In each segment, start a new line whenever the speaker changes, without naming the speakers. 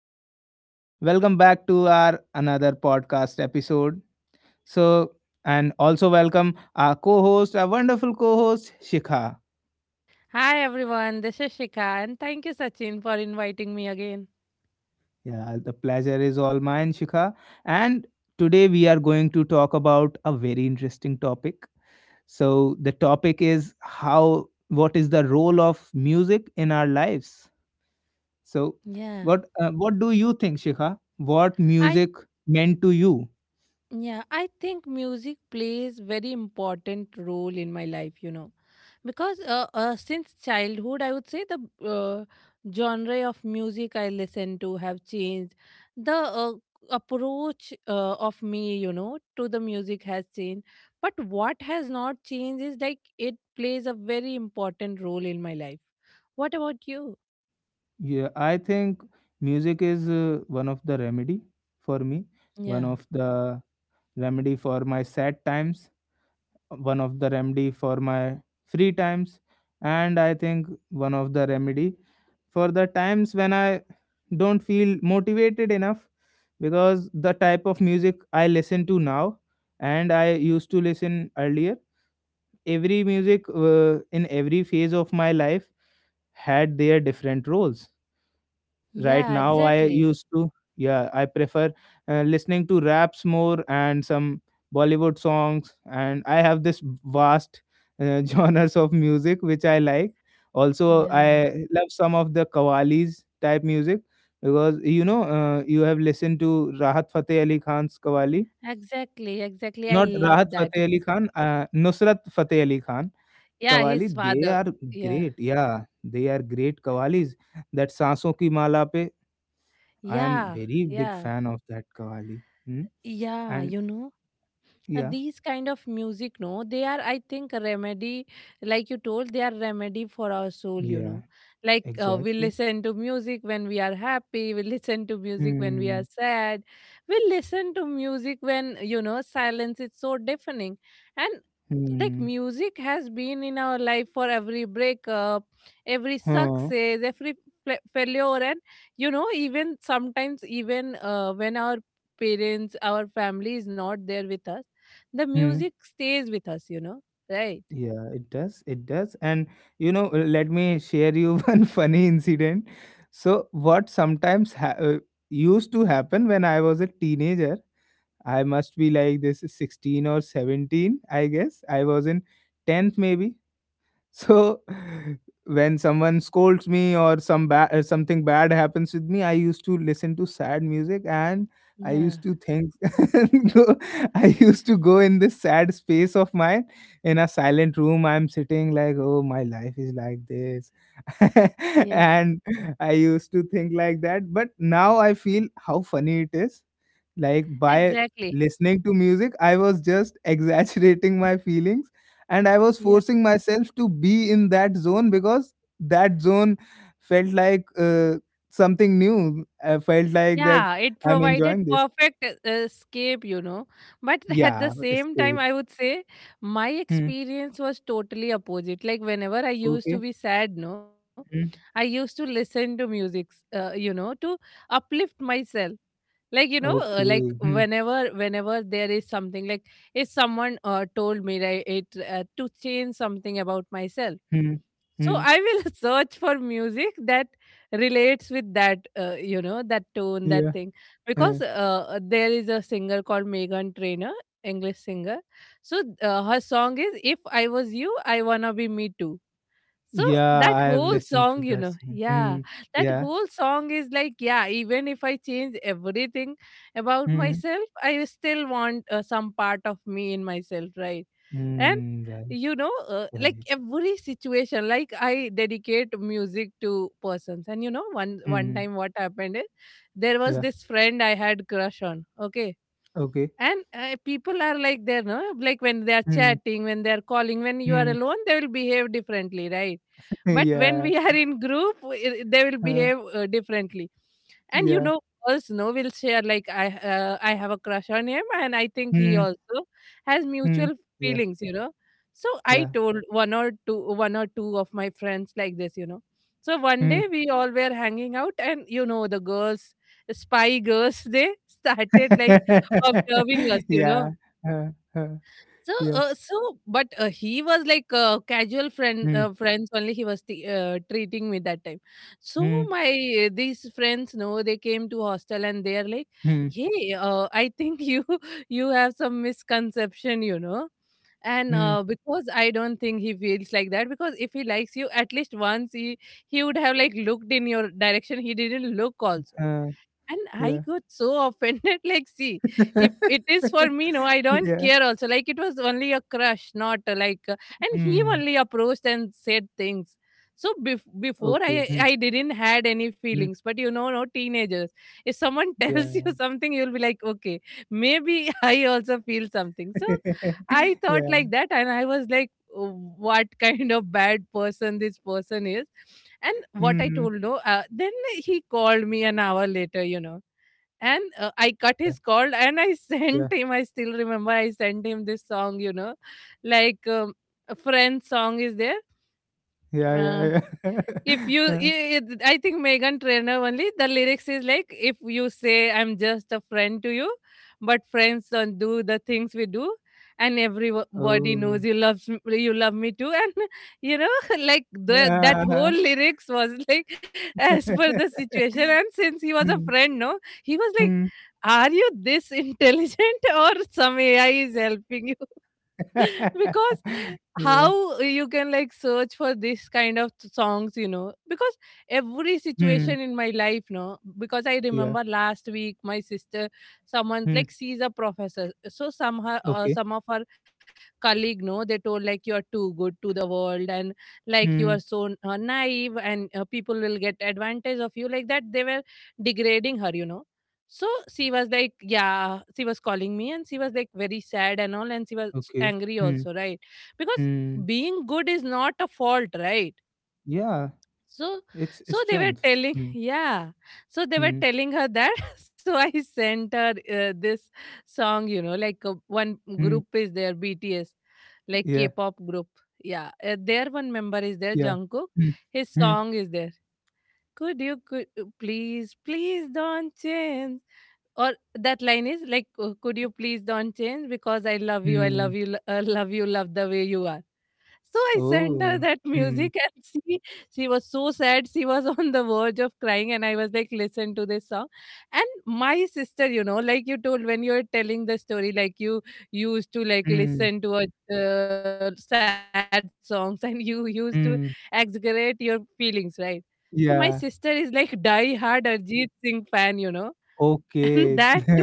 Sachin. Welcome back to our another podcast episode. So, and also welcome our co host, our wonderful co host, Shikha.
Hi everyone, this is Shika and thank you Sachin for inviting me again.
Yeah, the pleasure is all mine, Shikha. And today we are going to talk about a very interesting topic. So, the topic is how what is the role of music in our lives? So,
Yeah.
what do you think, Shikha? What
I
music meant to you?
yeah, I think music plays very important role in my life, you know. Because since childhood I would say the uh, genre of music I listen to have changed. The approach of me, to the music has changed. But what has not changed is like it plays a very important role in my life. What about you?
Yeah, I think music is one of the remedy for me, one
Yeah.
of the remedy for my sad times, one of the remedy for my free times, and I think one of the remedy for the times when I don't feel motivated enough, because the type of music I listen to now and I used to listen earlier, every music in every phase of my life had their different roles. Right
Yeah,
now,
exactly.
yeah, I prefer listening to raps more and some Bollywood songs. And I have this vast genres of music which I like. Also,
Yeah,
I love some of the Qawwalis type music, because you know, you have listened to Rahat Fateh Ali Khan's Qawwali,
exactly, exactly. I
not Rahat
love that,
Fateh
you
Ali
know.
Khan, Nusrat Fateh Ali Khan.
Yeah,
qawwali
his
दे
father.
Are
Yeah,
great या they are great qawwalis that Saanson Ki माला पे. I am
yeah,
very big
yeah,
fan of that Kavali. Hmm?
yeah.
And yeah,
These kind of music, no, they are, I think, a remedy, like you told. They are remedy for our soul you
yeah,
know Like we
exactly.
listen to music when we are happy, we listen to music when we are
Hmm.
sad, we listen to music when, you know, silence is so deafening. And like
Hmm.
music has been in our life for every breakup, every
Huh.
success, every failure, and you know, even sometimes even when our parents, our family is not there with us, the
Hmm.
music stays with us, you know, right?
Yeah, it does. It does. And you know, let me share you one funny incident. So, used to happen when I was a teenager, I must be like this 16 or 17, I guess. I was in 10th maybe. So when someone scolds me or something bad happens with me, I used to listen to sad music, and I
Yeah.
used to think and go- I used to go in this sad space of mine in a silent room. I'm sitting like, oh, my life is like this.
Yeah.
And I used to think like that. But now I feel how funny it is. Like by
Exactly.
listening to music, I was just exaggerating my feelings, and I was
Yeah.
forcing myself to be in that zone because that zone felt like something new. I felt like that
Yeah, it
I'm
provided
enjoying this.
perfect escape, you know. But at the
Yeah,
same time,
escape.
I would say my
Hmm.
experience was totally opposite. Like whenever I used to
Okay.
be sad, no, I
Hmm.
used to listen to music, you know, to uplift myself. Like you know, like
Okay. Hmm.
whenever there is something, like if someone told me right, it to change something about myself.
Hmm.
So
Hmm.
I will search for music that relates with that, you know, that tone, that
Yeah.
thing. Because
uh,
there is a singer called Megan Trainor, English singer. So her song is "If I Was You, I Wanna Be Me Too." So
yeah,
that
I have
whole
listened to
song, you
that
know,
song.
yeah,
Hmm.
that
Yeah.
whole song is like, yeah, even if I change everything about
Hmm.
myself, I still want some part of me in myself, right? And
Hmm. Right.
you know, like
Right.
every situation, like I dedicate music to persons. And you know, one
Hmm.
time what happened is, there was
Yeah.
this friend I had crush on, okay.
Okay.
And people are like there, no, like when they are
Hmm.
chatting, when they are calling, when you are
Hmm.
alone, they will behave differently, right? But when
Yeah.
we are in group, they will
Huh.
behave differently. And you
Yeah.
know, girls, no, will share like I have a crush on him, and I think he
Hmm.
also has
Hmm.
mutual
Yeah.
feelings, you know. So I
Yeah.
told one or two of my friends like this, you know. So one
Hmm.
day we all were hanging out, and you know the girls, spy girls, they started like observing us, you know.
Yeah. Huh, huh,
So,
yeah.
so, but he was like casual
Mm,
friends only. He was treating me that time. So
mm,
my these friends, no, they came to hostel and they are like,
mm,
"Hey, I think you you have some misconception, you know." And
mm,
because I don't think he feels like that. Because if he likes you, at least once he would have like looked in your direction. He didn't look also,
huh,
and I
yeah.
got so offended. Like, see, if it is for me, no, I don't
Yeah.
care. Also, like, it was only a crush, not like. And he
Mm,
only approached and said things. So bef- before I
okay. Mm,
I didn't had any
mm,
feelings, but you know, no, teenagers. If someone tells
yeah.
you something, you'll be like, okay, maybe I also feel something. So I thought
Yeah.
like that, and I was like, "Oh, what kind of bad person this person is." And what I
Mm,
told, no, then he called me an hour later, you know, and I cut his call and I
yeah.
sent him. I still remember I sent him this song, you know, like a friend song is there.
Yeah,
uh,
yeah, yeah.
if you,
Huh.
think Megan Trainor only. The lyrics is like, if you say I'm just a friend to you, but friends don't do the things we do, and everybody
Oh.
knows you love me too, and you know, like the, that whole
Uh-huh.
lyrics was like as per the situation. And since he was a
Mm,
friend, no, he was like,
mm.
are you this intelligent or some AI is helping you? Because
Yeah.
how you can like search for this kind of songs, you know. Because every
Mm,
situation in my life, no, because I
yeah.
remember last week my sister, someone,
Mm,
like she's a professor, so some her,
okay.
some of her colleague, no, they told like you are too good to the world and like you are
Mm,
so naive and people will get advantage of you, like that they were degrading her, you know. So she was like, yeah, she was calling me and she was like very sad and all, and she was
okay.
angry
Mm,
also, right? Because
mm.
being good is not a fault, right?
Yeah,
So,
it's a
they were
strength.
telling
Mm.
yeah, so they were
Mm,
telling her that. So I sent her this song, you know, like one
mm,
group is there, BTS, like
yeah,
K-pop group. Yeah, their one member is there,
yeah.
Jungkook.
Mm,
His
mm,
song is there. Could you could uh, please don't change. Or that line is like could you please don't change because I love you, I love
mm.
you, love you, love the way you are. So I sent her
Oh.
that
Mm,
music and she was so sad. She was on the verge of crying, and I was like, listen to this song. And my sister, you know, like you told when you were telling the story, like you used to like
mm,
listen to sad songs and you used to exaggerate
mm.
your feelings, right? So my sister is
Yeah.
like die hard Arjit Singh fan, you know. And that
Okay.
too, that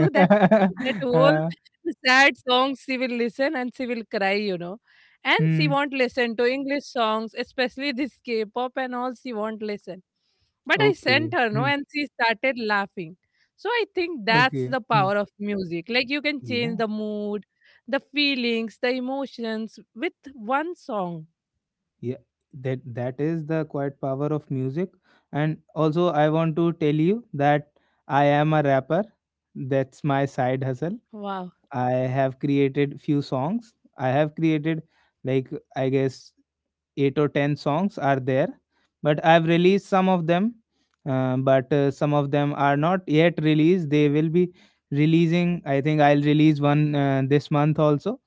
that whole
Uh,
sad song she will listen, and she will cry, you know. And she
mm,
won't listen to English songs, especially this K-pop and all. She won't listen. But I sent
okay.
her, no,
Mm,
and she started laughing. So I think that's
okay.
the
Mm.
power of music. Like you can
Yeah,
change the mood, the feelings, the emotions with one song.
yeah. That is the quiet power of music. And also I want to tell you that I am a rapper. That's my side hustle.
Wow.
I have created few songs. I have created, like, I guess eight or ten songs are there, but I've released some of them, but some of them are not yet released. They will be releasing. I think I'll release one this month also,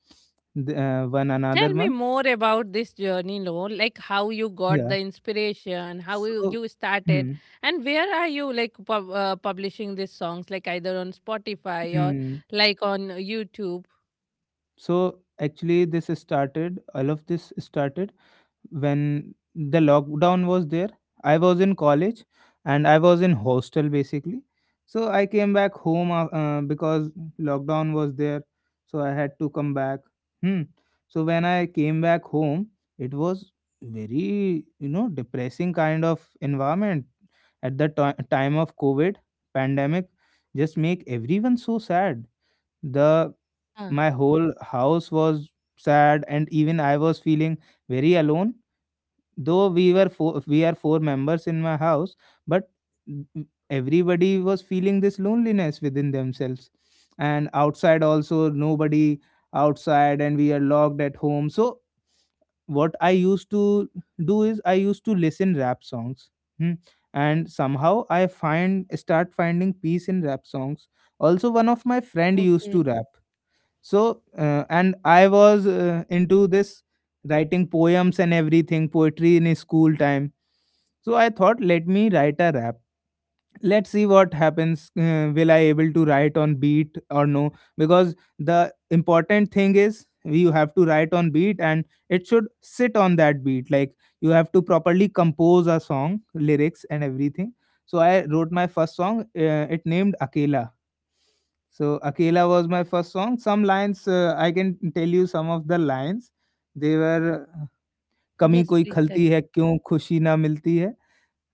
one another
Tell me
month.
more about this journey, Lo. Like how you got
Yeah,
the inspiration, how you,
so
you started,
hmm,
and where are you like publishing these songs, like either on Spotify or
hmm.
like on YouTube.
So actually this started all of this started when the lockdown was there. I was in college and I was in hostel basically. So I came back home, because lockdown was there, so I had to come back. Hmm. So when I came back home, it was very, you know, depressing kind of environment. At the ti time of COVID pandemic, just make everyone so sad. The
Ah,
my whole house was sad, and even I was feeling very alone, though we are four members in my house, but everybody was feeling this loneliness within themselves. And outside also nobody outside, and we are locked at home. So what I used to do is I used to listen rap songs. Hmm. And somehow I find start finding peace in rap songs. Also, one of my friend used
okay.
to rap. So and I was into this writing poems and everything, poetry in his school time. So I thought, let me write a rap. Let's see what happens. Will I able to write on beat or no? Because the important thing is you have to write on beat and it should sit on that beat. Like, you have to properly compose a song, lyrics and everything. So I wrote my first song, it named Akela. So Akela was my first song. Some lines I can tell you some of the lines. They were, कमी
Yes,
कोई
please tell
खलती
me.
है क्यों खुशी ना मिलती है,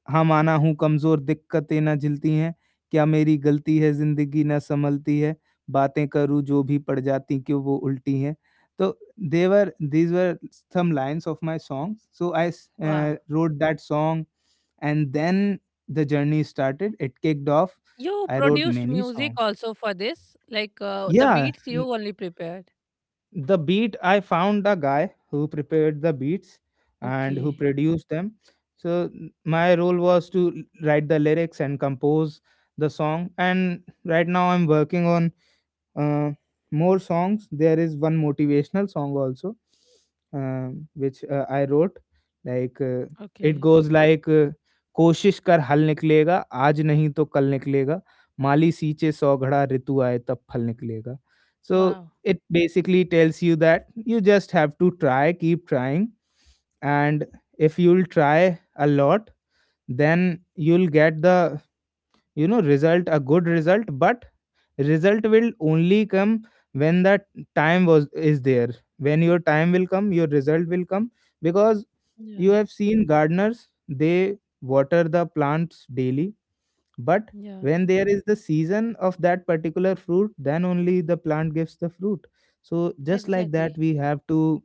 हम आना हूँ कमजोर दिक्कतें ना झिलती हैं, क्या मेरी गलती है जिंदगी ना संभलती है, बातें करूँ जो भी पड़ जाती क्यों वो उल्टी हैं. तो they were these were some lines of my song so I
Wow.
Wrote that song. And then the journey started. It kicked off.
You
I wrote
produced
many
music
songs.
also for this, like the
Yeah,
beats you only prepared.
the beat, I found a guy who prepared the beats and who
Okay.
produced them. So my role was to write the lyrics and compose the song. And right now I'm working on uh, more songs. There is one motivational song also, uh, which I wrote, like, it
Okay.
goes like, कोशिश कर हल निकलेगा, आज नहीं तो कल निकलेगा, माली सींचे सौ घड़ा ऋतु आए तब फल निकलेगा. So
Wow.
It basically tells you that you just have to try keep trying. And if you'll try a lot, then you'll get the, you know, result, a good result. But result will only come when that time was is there. When your time will come, your result will come, because you
Yeah.
have seen gardeners, they water the plants daily. But
Yeah.
when there is the season of that particular fruit, then only the plant gives the fruit. So just like that,
Exactly.
we have to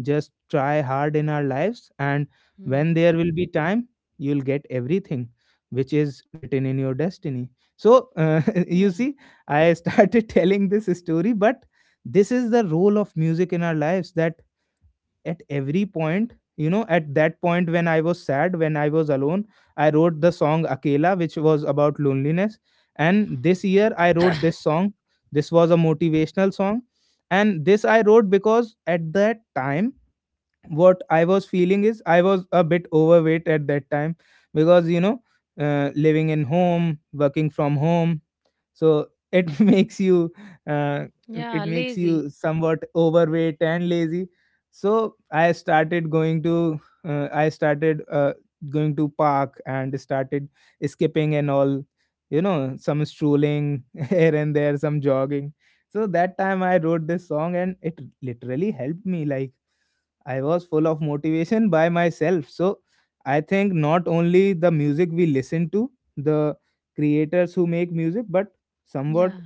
just try hard in our lives, and when
Hmm.
there will be time, you'll get everything which is written in your destiny. So you
Yeah.
see, I started telling this story, but this is the role of music in our lives, that at every point, you know, at that point when I was sad, when I was alone, I wrote the song Akela, which was about loneliness. And this year I wrote this song. This was a motivational song. And this I wrote because at that time, what I was feeling is I was a bit overweight at that time, because you know, living in home, working from home, so it makes you uh, it
Yeah.
makes
Lazy.
you somewhat overweight and lazy. So I started going to, I started going to park, and started skipping and all, you know, some strolling here and there, some jogging. So that time I wrote this song and it literally helped me. Like, I was full of motivation by myself. So I think not only the music we listen to, the creators who make music, but somewhat
Yeah.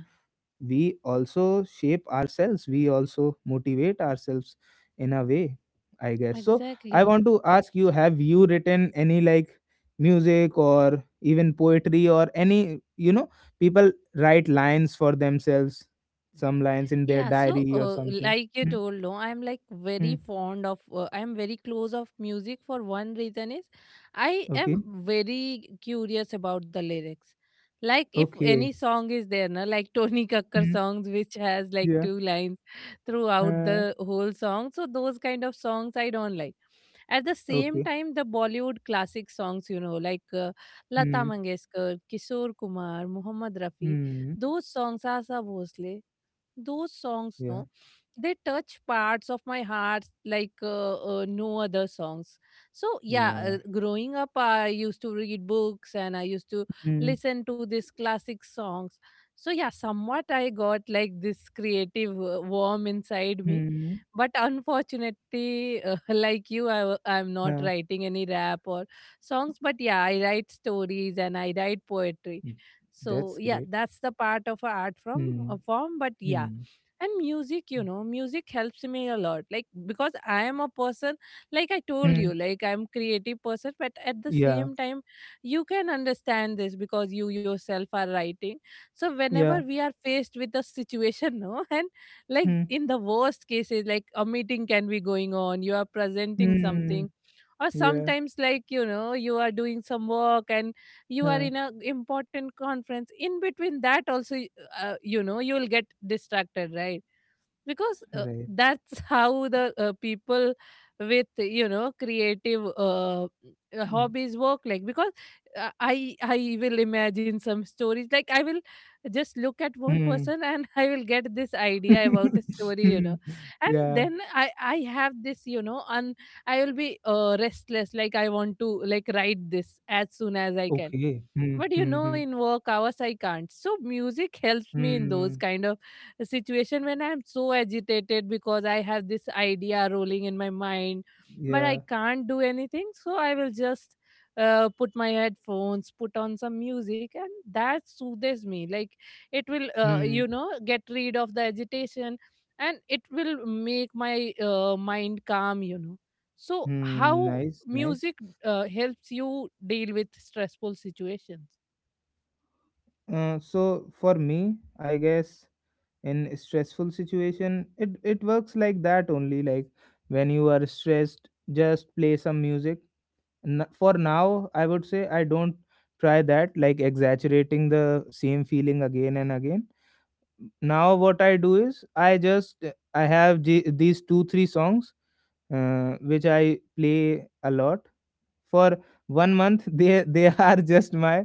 we also shape ourselves, we also motivate ourselves in a way, I guess so. I
Exactly.
want to ask you, have you written any, like, music or even poetry, or any, you know, people write lines for themselves, some lines in their
Yeah, so
diary or something?
like you
Mm.
told, no, I'm like very
Mm.
fond of, I'm very close of music for one reason is, I
Okay.
am very curious about the lyrics. Like if any
Okay.
song is there, na, like Tony Kakkar
Mm.
songs, which has like
Yeah.
two lines throughout
Uh,
the whole song. So those kind of songs I don't like. At the same
okay.
time, the Bollywood classic songs, you know, like Lata
Mm.
Mangeshkar, Kishore Kumar, Mohammed Rafi,
Mm.
those songs, Asa Bhosle, those songs,
Yeah.
no, they touch parts of my heart like no other songs. So yeah,
Yeah.
growing up I used to read books and I used to
Mm.
listen to these classic songs. So yeah, somewhat I got like this creative worm inside me.
Mm.
But unfortunately like you I'm not
Uh,
writing any rap or songs, but yeah, I write stories and I write poetry. So
that's
yeah,
great.
that's the part of a art from
Hmm.
a form, but yeah.
Hmm.
And music, you
Hmm.
know, music helps me a lot, like because I am a person, like I told you, like I'm creative person. But at the
Yeah,
same time, you can understand this because you yourself are writing. So whenever
yeah.
we are faced with a situation, no, and like
Hmm.
in the worst cases, like a meeting can be going on, you are presenting
Hmm.
something, or
Yeah.
sometimes like you know you are doing some work and you are
Huh.
in a important conference. In between that also, you know, you'll get distracted, right? Because
Right.
that's how the people with you know creative
Hmm.
hobbies work, like. Because I will imagine some stories, like I will just look at one person and I will get this idea about a
Hmm.
story, you know. And
Yeah,
then I have this, you know, and I will be restless, like I want to like write this as soon as I can.
okay. Hmm.
But you
Hmm.
know,
Hmm.
in work hours I can't, so music helps me in those
Mm,
kind of situation when I'm so agitated because I have this idea rolling in my mind but I
yeah.
can't do anything, so I will just put my headphones, put on some music, and that soothes me. Like it will
Hmm.
get rid of the agitation, and it will make my mind calm, you know. So
Hmm.
how
Nice, nice.
music helps you deal with stressful situations.
So for me, I guess in a stressful situation, it works like that only. Like, when you are stressed, just play some music. For now I would say I don't try that, like exaggerating the same feeling again and again. Now what I do is I have these two, three songs which I play a lot for 1 month. They are just my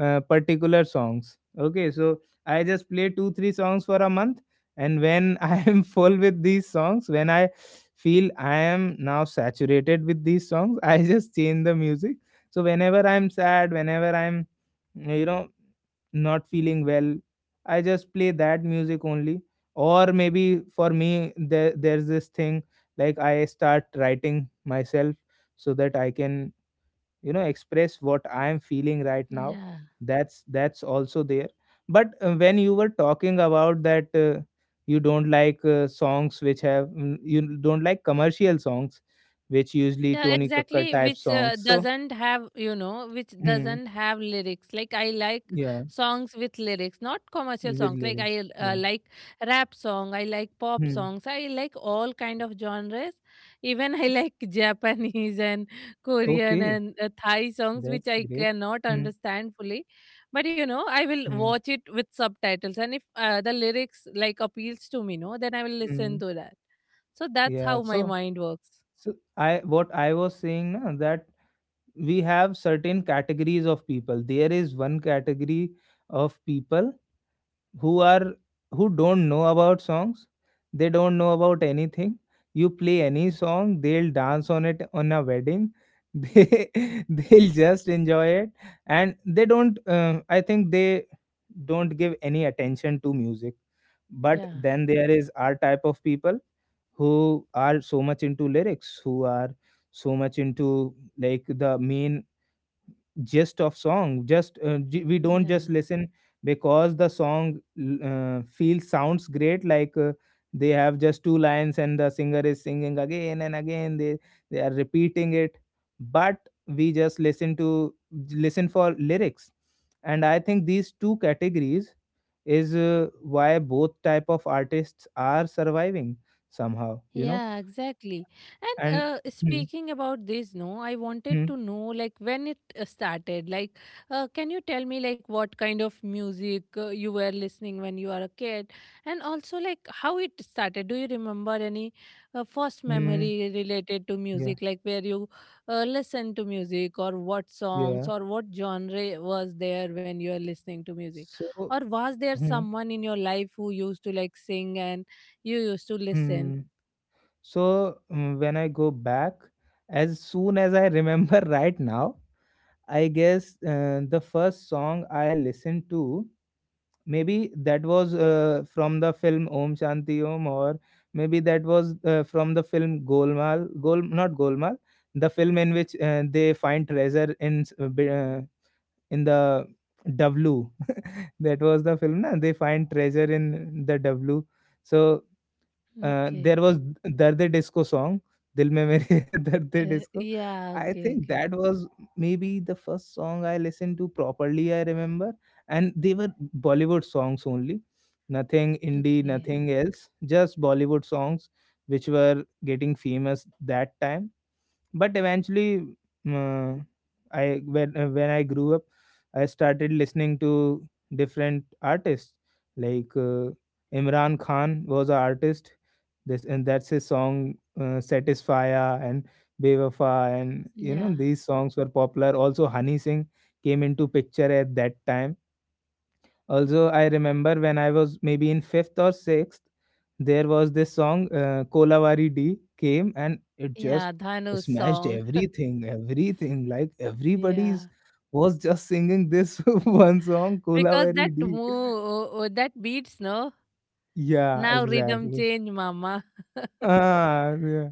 particular songs, okay? So I just play two, three songs for a month. And when I am full with these songs, when I feel I am now saturated with these songs, I just change the music. So whenever I'm sad, whenever I'm, you know, not feeling well, I just play that music only. Or maybe for me there's this thing, like I start writing myself so that I can, you know, express what I am feeling right now.
Yeah.
That's also there. But when you were talking about that, you don't like songs which have mm, you don't like commercial songs, which usually
Yeah,
Tony Kakkar
exactly.
type
Which
songs. So
doesn't have, you know, which
hmm,
doesn't have lyrics. Like I like
yeah,
songs with lyrics, not commercial
with
songs. Like
lyrics.
I
Yeah.
like rap song. I like pop
Hmm.
songs. I like all kind of genres. Even I like Japanese and Korean
Okay,
and Thai songs, which
that's
I
great.
cannot
Hmm,
understand fully. But you know, I will
hmm,
watch it with subtitles, and if the lyrics like appeals to me, no, then I will listen
hmm.
to that. So that's
yeah
how my
so
mind works.
so I what I was saying, na, that we have certain categories of people. There is one category of people who are who don't know about songs. They don't know about anything. You play any song, they'll dance on it on a wedding they they'll just enjoy it. And they don't I think they don't give any attention to music. But
Yeah.
then there is our type of people who are so much into lyrics, who are so much into like the main gist of song. We don't just
Yeah.
listen because the song feels, sounds great. Like, they have just two lines and the singer is singing again and again. They are repeating it. But we just listen for lyrics. And I think these two categories is why both type of artists are surviving somehow, you know.
Yeah, exactly. And
And hmm,
speaking about this, no, I wanted
hmm,
to know like when it started. Like, can you tell me like what kind of music you were listening when you are a kid, and also like how it started? Do you remember any first
hmm,
memory related to
yeah.
music, like where you listened to music, or what
yeah
songs, or what genre was there when you are listening to music, or
so
was there
hmm,
someone in your life who used to like sing and you used to listen?
hmm. So, when I go back, as soon as I remember right now, I guess the first song I listened to, maybe that was from the film Om Shanti Om, or maybe that was from the film Golmaal. Gol, not Golmaal, the film in which they find treasure in in the W. That was the film, na? They find treasure in the W. So
Okay.
there was Dard e Disco song, Dil Mein Mere Dard e Disco.
Yeah,
I
okay,
think
okay.
that was maybe the first song I listened to properly, I remember. And they were Bollywood songs only, nothing indie,
Okay.
nothing else, just Bollywood songs which were getting famous that time. But eventually, uh, I when I grew up, I started listening to different artists like Imran Khan was an artist. This and That's his song, Satisfya, and Bewafa, and you know
Yeah.
these songs were popular. Also Honey Singh came into picture at that time. Also, I remember when I was maybe in 5th or 6th, there was this song, Kolavari D, came and it just
Yeah, Dhanu's
smashed
song.
everything. Everything, like everybody's
Yeah.
was just singing this one song,
Because
Kolavari D.
that beats, no?
Yeah,
Now rhythm
exactly.
change, mama.
Ah, yeah.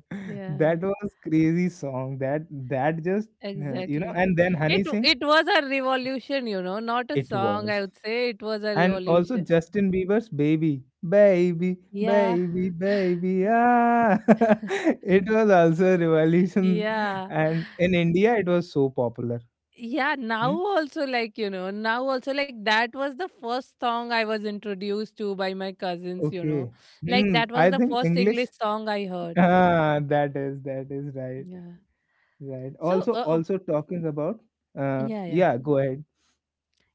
That
Yeah,
was crazy song. That just you know,
exactly.
and then
It
Honey
w-
Singh,
it was a revolution, you know, not a
it
song, I
was,
would say. It was a
and also
revolution.
Justin Bieber's Baby, Baby,
Yeah.
Baby, Baby. Ah, it was also a revolution,
Yeah.
and in India it was so popular.
Yeah, now
Hmm?
also like, you know, now also like that was the first song I was introduced to by my cousins, you know.
Okay,
Like
hmm.
that was
I
the
think
first
English.
English song I heard.
Ah, that is, that is right,
Yeah.
right.
So,
Also,
uh, uh,
also talking about.
yeah, yeah.
Yeah, go ahead.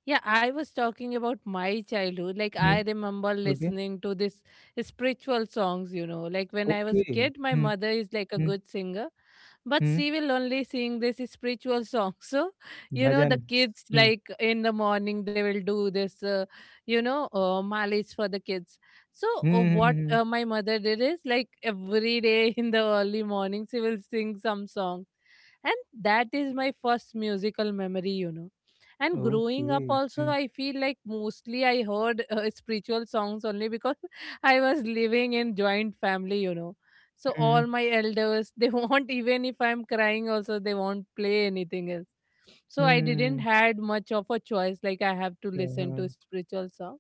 Yeah, I was talking about my childhood. Like, I
Hmm.
remember
Okay,
listening to this spiritual songs, you know. Like, when I was a
okay.
kid, my
Hmm.
mother is like a
Hmm.
good singer, but
Hmm.
she will only sing this spiritual song. So, you know, the
bhajan.
kids,
Hmm.
like in the morning, they will do this, you know, malis for the kids. So,
Hmm.
what
Hmm.
my mother did is like every day in the early morning, she will sing some song. And that is my first musical memory, you know. And
hmm,
growing up
hmm.
also,
Hmm.
I feel like mostly I heard spiritual songs only, because I was living in joint family, you know. So
Hmm.
all my elders, they won't, even if I'm crying also, they won't play anything else. So
hmm,
I didn't
hmm,
had much of a choice. Like I have to
अच्छा,
listen
हाँ,
to spiritual song.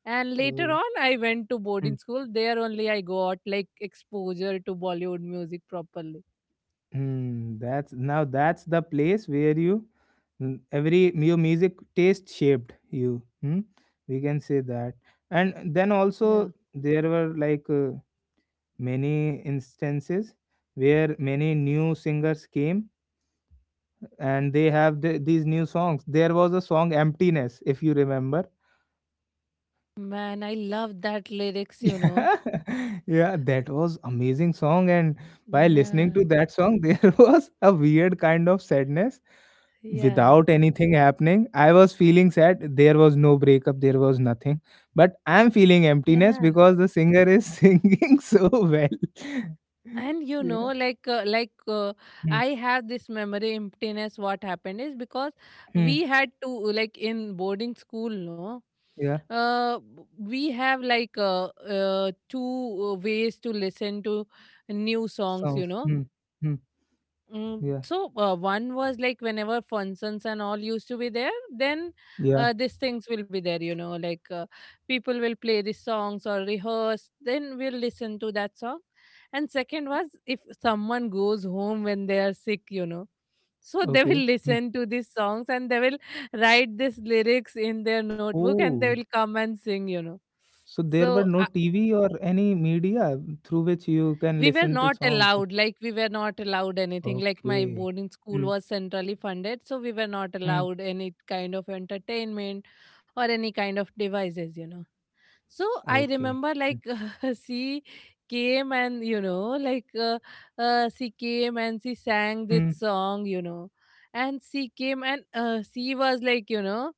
And later
oh,
on, I went to
hmm,
boarding school. There only I got like exposure to Bollywood music properly.
that's now, that's the place where you, mm, every your music taste shaped you, hmm? We can say that. And then also
Yeah,
there were like, many instances where many new singers came and they have these new songs. There was a song, Emptiness, if you remember.
man, I love that
Yeah,
lyrics, you know.
yeah, that was amazing song. And by listening to
Yeah.
that song, there was a weird kind of sadness
Yeah.
without anything happening. I was feeling sad, there was no breakup, there was nothing, but I'm feeling emptiness
Yeah.
because the singer is singing so well.
And you
Yeah.
know, like,
Hmm.
I have this memory emptiness. What happened is, because
Hmm.
we had to, like, in boarding school, no,
Yeah.
uh, we have like two ways to listen to new songs, you
Songs.
know.
Hmm. Hmm.
Mm,
Yeah.
so one was like whenever functions and all used to be there, then
Yeah.
these things will be there, you know, like people will play these songs or rehearse, then we'll listen to that song. And second was, if someone goes home when they are sick, you know, so they will
Okay. Hmm.
listen to these songs and they will write these lyrics in their notebook and they
Oh,
will come and sing, you know.
so there were
So
no TV or any media through which you can
we were
listen to
not
songs.
allowed. Like we were not allowed anything. Like my
Okay.
boarding school
Mm,
was centrally funded, so we were not
mm,
allowed any kind of entertainment or any kind of devices, you know. So I
okay.
remember,
Mm,
like, she came and, you know, like she came and she sang this
mm,
song, you know. And she came and she was like, you know,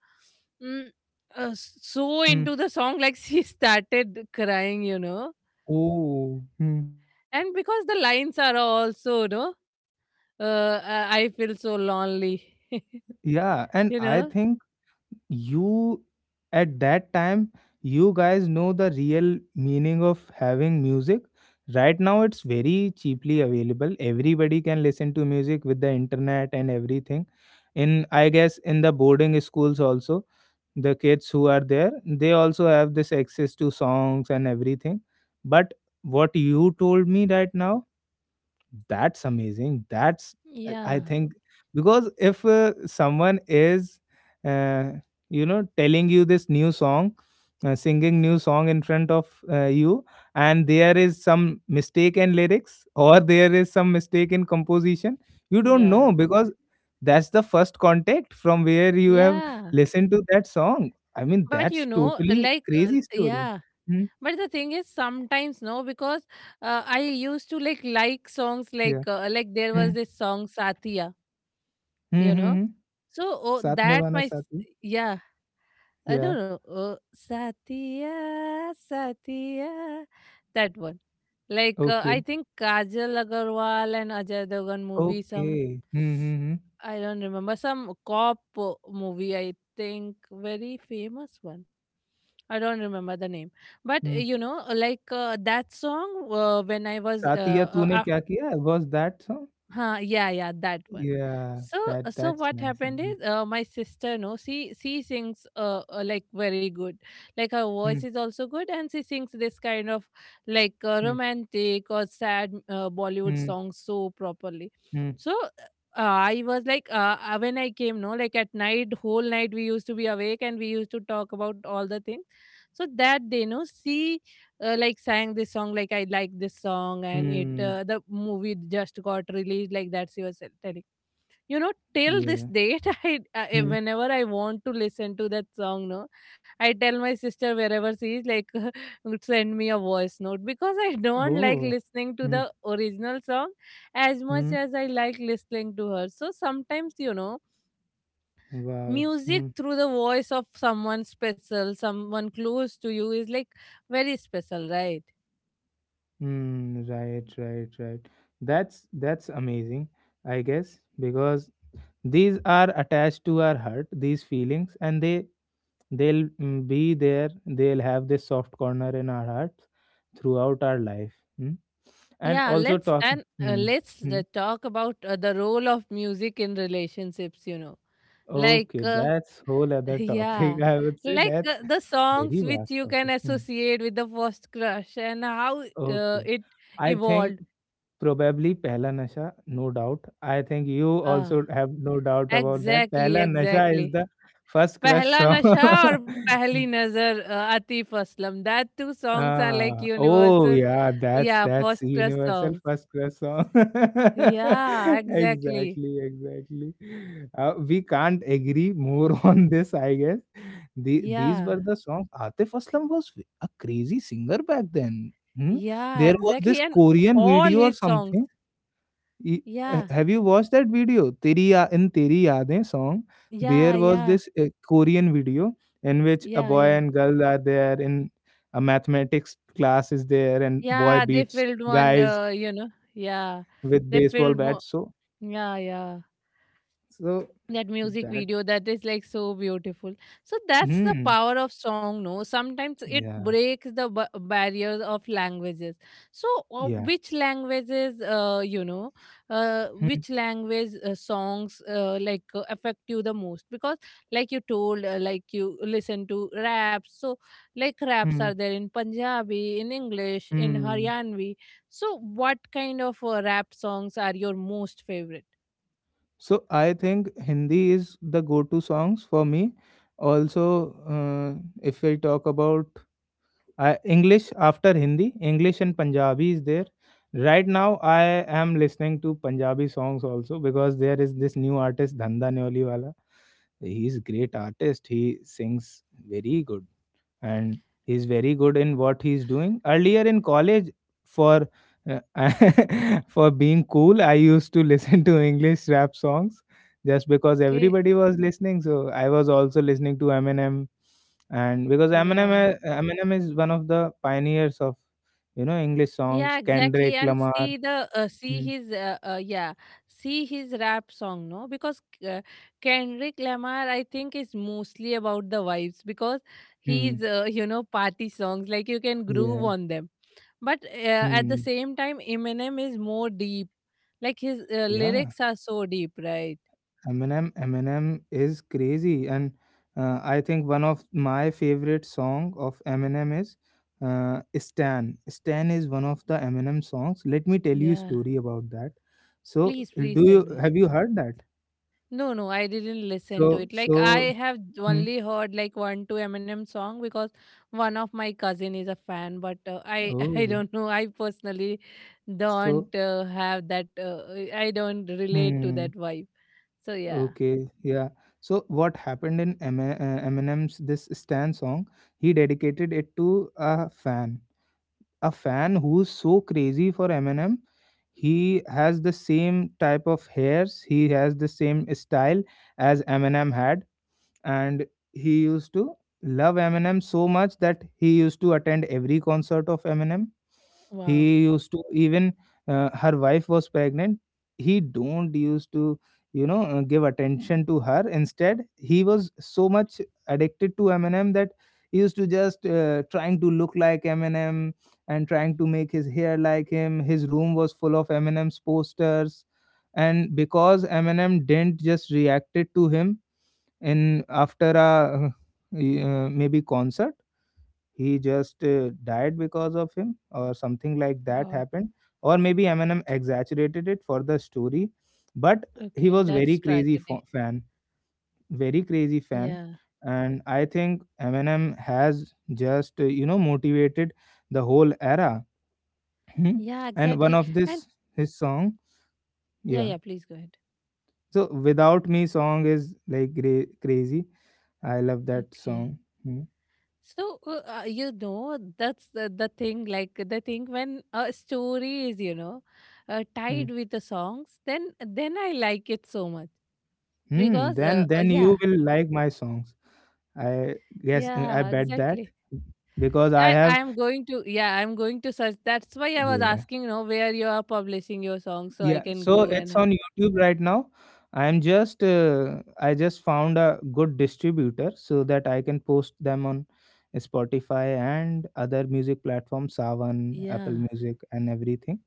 mm, so
mm.
into the song, like she started crying, you know.
Oh, mm.
And because the lines are also, no, I feel so lonely,
Yeah. And
you
I
know?
think you, at that time, you guys know the real meaning of having music. Right now, it's very cheaply available. Everybody can listen to music with the internet and everything. In, I guess, in the boarding schools also, the kids who are there, they also have this access to songs and everything. But what you told me right now, that's amazing. That's I
Yeah.
think, because if someone is uh, you know, telling you this new song, singing new song in front of you, and there is some mistake in lyrics or there is some mistake in composition, you don't
Yeah.
know, because that's the first contact from where you have
Yeah.
listened to that song. I mean,
But you
that's
know,
totally crazy story.
yeah.
Hmm.
But the thing is, sometimes no, because I used to like songs
Yeah.
like there was
Hmm.
this song Satya,
Hmm.
you
Hmm,
know.
hmm.
So, oh,
साथ
that
निभाना
my
साथी
yeah. No,
Yeah.
no. Oh, Satya, Satya. That one. Like, I
Okay.
think Kajal Agarwal and Ajay Devgan movie,
okay.
some,
hmm, hmm, हुँ,
I don't remember, some cop movie, I think, very famous one. I don't remember the name, but
hmm.
you know, that song. When I was
"Saathiya Tune Kya Kiya?" Was that song?
Huh, yeah, yeah, that one.
Yeah,
So,
that,
so
that's
what
nice.
happened
Mhm.
is, my sister, no, she sings, like very good, like her voice
hmm,
is also good, and she sings this kind of like
hmm,
romantic or sad Bollywood
hmm,
songs so properly.
Hmm,
So, I was like, when I came, no, like at night, whole night we used to be awake and we used to talk about all the things. So that day, no, she like sang this song, like I like this song, and it
hmm.
the movie just got released, like that she was telling, you know. Till this
Yeah.
date, I
hmm,
whenever I want to listen to that song, no, I tell my sister wherever she is, like send me a voice note, because I don't like
oh!
listening to
hmm,
the original song as much
hmm,
as I like listening to her. So sometimes, you know,
wow!
music
hmm,
through the voice of someone special, someone close to you, is like very special, right?
Hmm, right, right, right. That's amazing, I guess, because these are attached to our heart, these feelings, and they'll be there, they'll have this soft corner in our hearts throughout our life. Mm. And
Yeah,
also
let's
talk
and uh,
mm,
let's
mm.
talk about the role of music in relationships, you know. Like
Okay, that's whole other topic.
yeah,
I would say
like
that's
the songs
very
which
vast
you can
topic. Mm.
associate with the first crush and how
Okay,
it
I think
evolved.
probably Pehla Nasha, no doubt. I think you
Ah,
also have no doubt about that.
exactly,
Pehla Nasha is
exactly.
the first crush
Pehla
song.
Nasha or Pehli Nazar Atif Aslam. That two songs are like
Ah, oh
universal.
yeah, that's
Yeah,
that's
first
the
crush
Universal
songs.
First Crush song.
Yeah, exactly.
Exactly, exactly. We can't agree more on this, I guess. These
Yeah.
were the songs. Atif Aslam was a crazy singer back then. Hmm?
Yeah,
There was
exactly.
this
And
Korean
all
video or
his songs.
something. Ye-
Yeah,
have you watched that video? In Teri Yaade song,
yeah,
there was
yeah,
this Korean video in which a
yeah,
boy
yeah.
and girl are there in a mathematics class is there and boy
Yeah, they
beats
filled one,
guys
you know. Yeah,
with
they
baseball
filled more.
bats. So,
Yeah, yeah.
so
That music
that,
video, that is like so beautiful. So that's the
hmm,
power of song, no? Sometimes it
yeah,
breaks the barriers of languages. So
yeah,
which languages you know,
hmm,
which language songs like affect you the most? Because like you told, like you listen to raps, so like raps
hmm,
are there in Punjabi, in English, in
hmm.
Haryanvi. So what kind of rap songs are your most favorite?
So I think Hindi is the go-to songs for me. Also, if I talk about, I English after Hindi, English and Punjabi is there. Right now, I am listening to Punjabi songs also because there is this new artist, Dhanda Neoliwala. Is great artist. He sings very good, and he's very good in what he's doing. Earlier in college, for for being cool, I used to listen to English rap songs just because
Okay.
everybody was listening. So I was also listening to Eminem, and because
Yeah.
Eminem is one of the pioneers of, you know, English
Yeah,
songs,
exactly.
Kendrick
And
Lamar.
see the see
Hmm.
his yeah, see his rap song, no? Because uh, Kendrick Lamar, I think, is mostly about the vibes, because he's
Hmm.
you know, party songs, like you can groove
Yeah.
on them. But at the
Hmm.
same time, Eminem is more deep. Like his
Yeah.
lyrics are so deep, right?
Eminem is crazy, and I think one of my favorite song of Eminem is "Stan." "Stan" is one of the Eminem songs. Let me tell you a
Yeah.
story about that. So,
Please,
do
please tell
you
me.
have you heard that?
No, no, I didn't listen to
So,
it. Like I
so,
have
hmm,
only heard like one two Eminem song, because one of my cousin is a fan, but I I
oh,
don't know. I personally
so,
don't have that. I don't relate to
hmm,
that vibe. So yeah.
okay, yeah. So, what happened in Eminem's this "Stan" song? He dedicated it to a fan, a fan who's so crazy for Eminem. He has the same type of hairs, he has the same style as Eminem had, and he used to love Eminem so much that he used to attend every concert of Eminem.
Wow.
He used to even her wife was pregnant. He don't used to, you know, give attention to her. Instead, he was so much addicted to Eminem that he used to just trying to look like Eminem and trying to make his hair like him. His room was full of Eminem's posters, and because Eminem didn't just reacted to him, and after a maybe concert, he just died because of him or something like that
God.
happened, or maybe Eminem exaggerated it for the story. But he
Okay,
was very
that's
crazy
tragedy.
fan, very crazy fan.
Yeah.
And I think Eminem has just you know, motivated the whole era. Hmm.
Yeah.
And one
Exactly.
of this
And
his song,
yeah,
yeah,
yeah. Please go ahead.
so Without Me song is like crazy. I love that
Okay.
song. Hmm.
You know, that's the thing when a story is
Hmm.
tied with the songs, then I like it so much
Hmm,
because
then
yeah,
you will like my songs. I guess, I
yeah,
bet that,
exactly.
because I
I
have,
am going to, yeah, I'm going to search. That's why I was
yeah,
asking, you know, where you are publishing your songs, so I
yeah.
can
So
go and
it's on YouTube right now. I'm just I just found a good distributor so that I can post them on Spotify and other music platforms, Savan, Apple
yeah.
Music, and everything.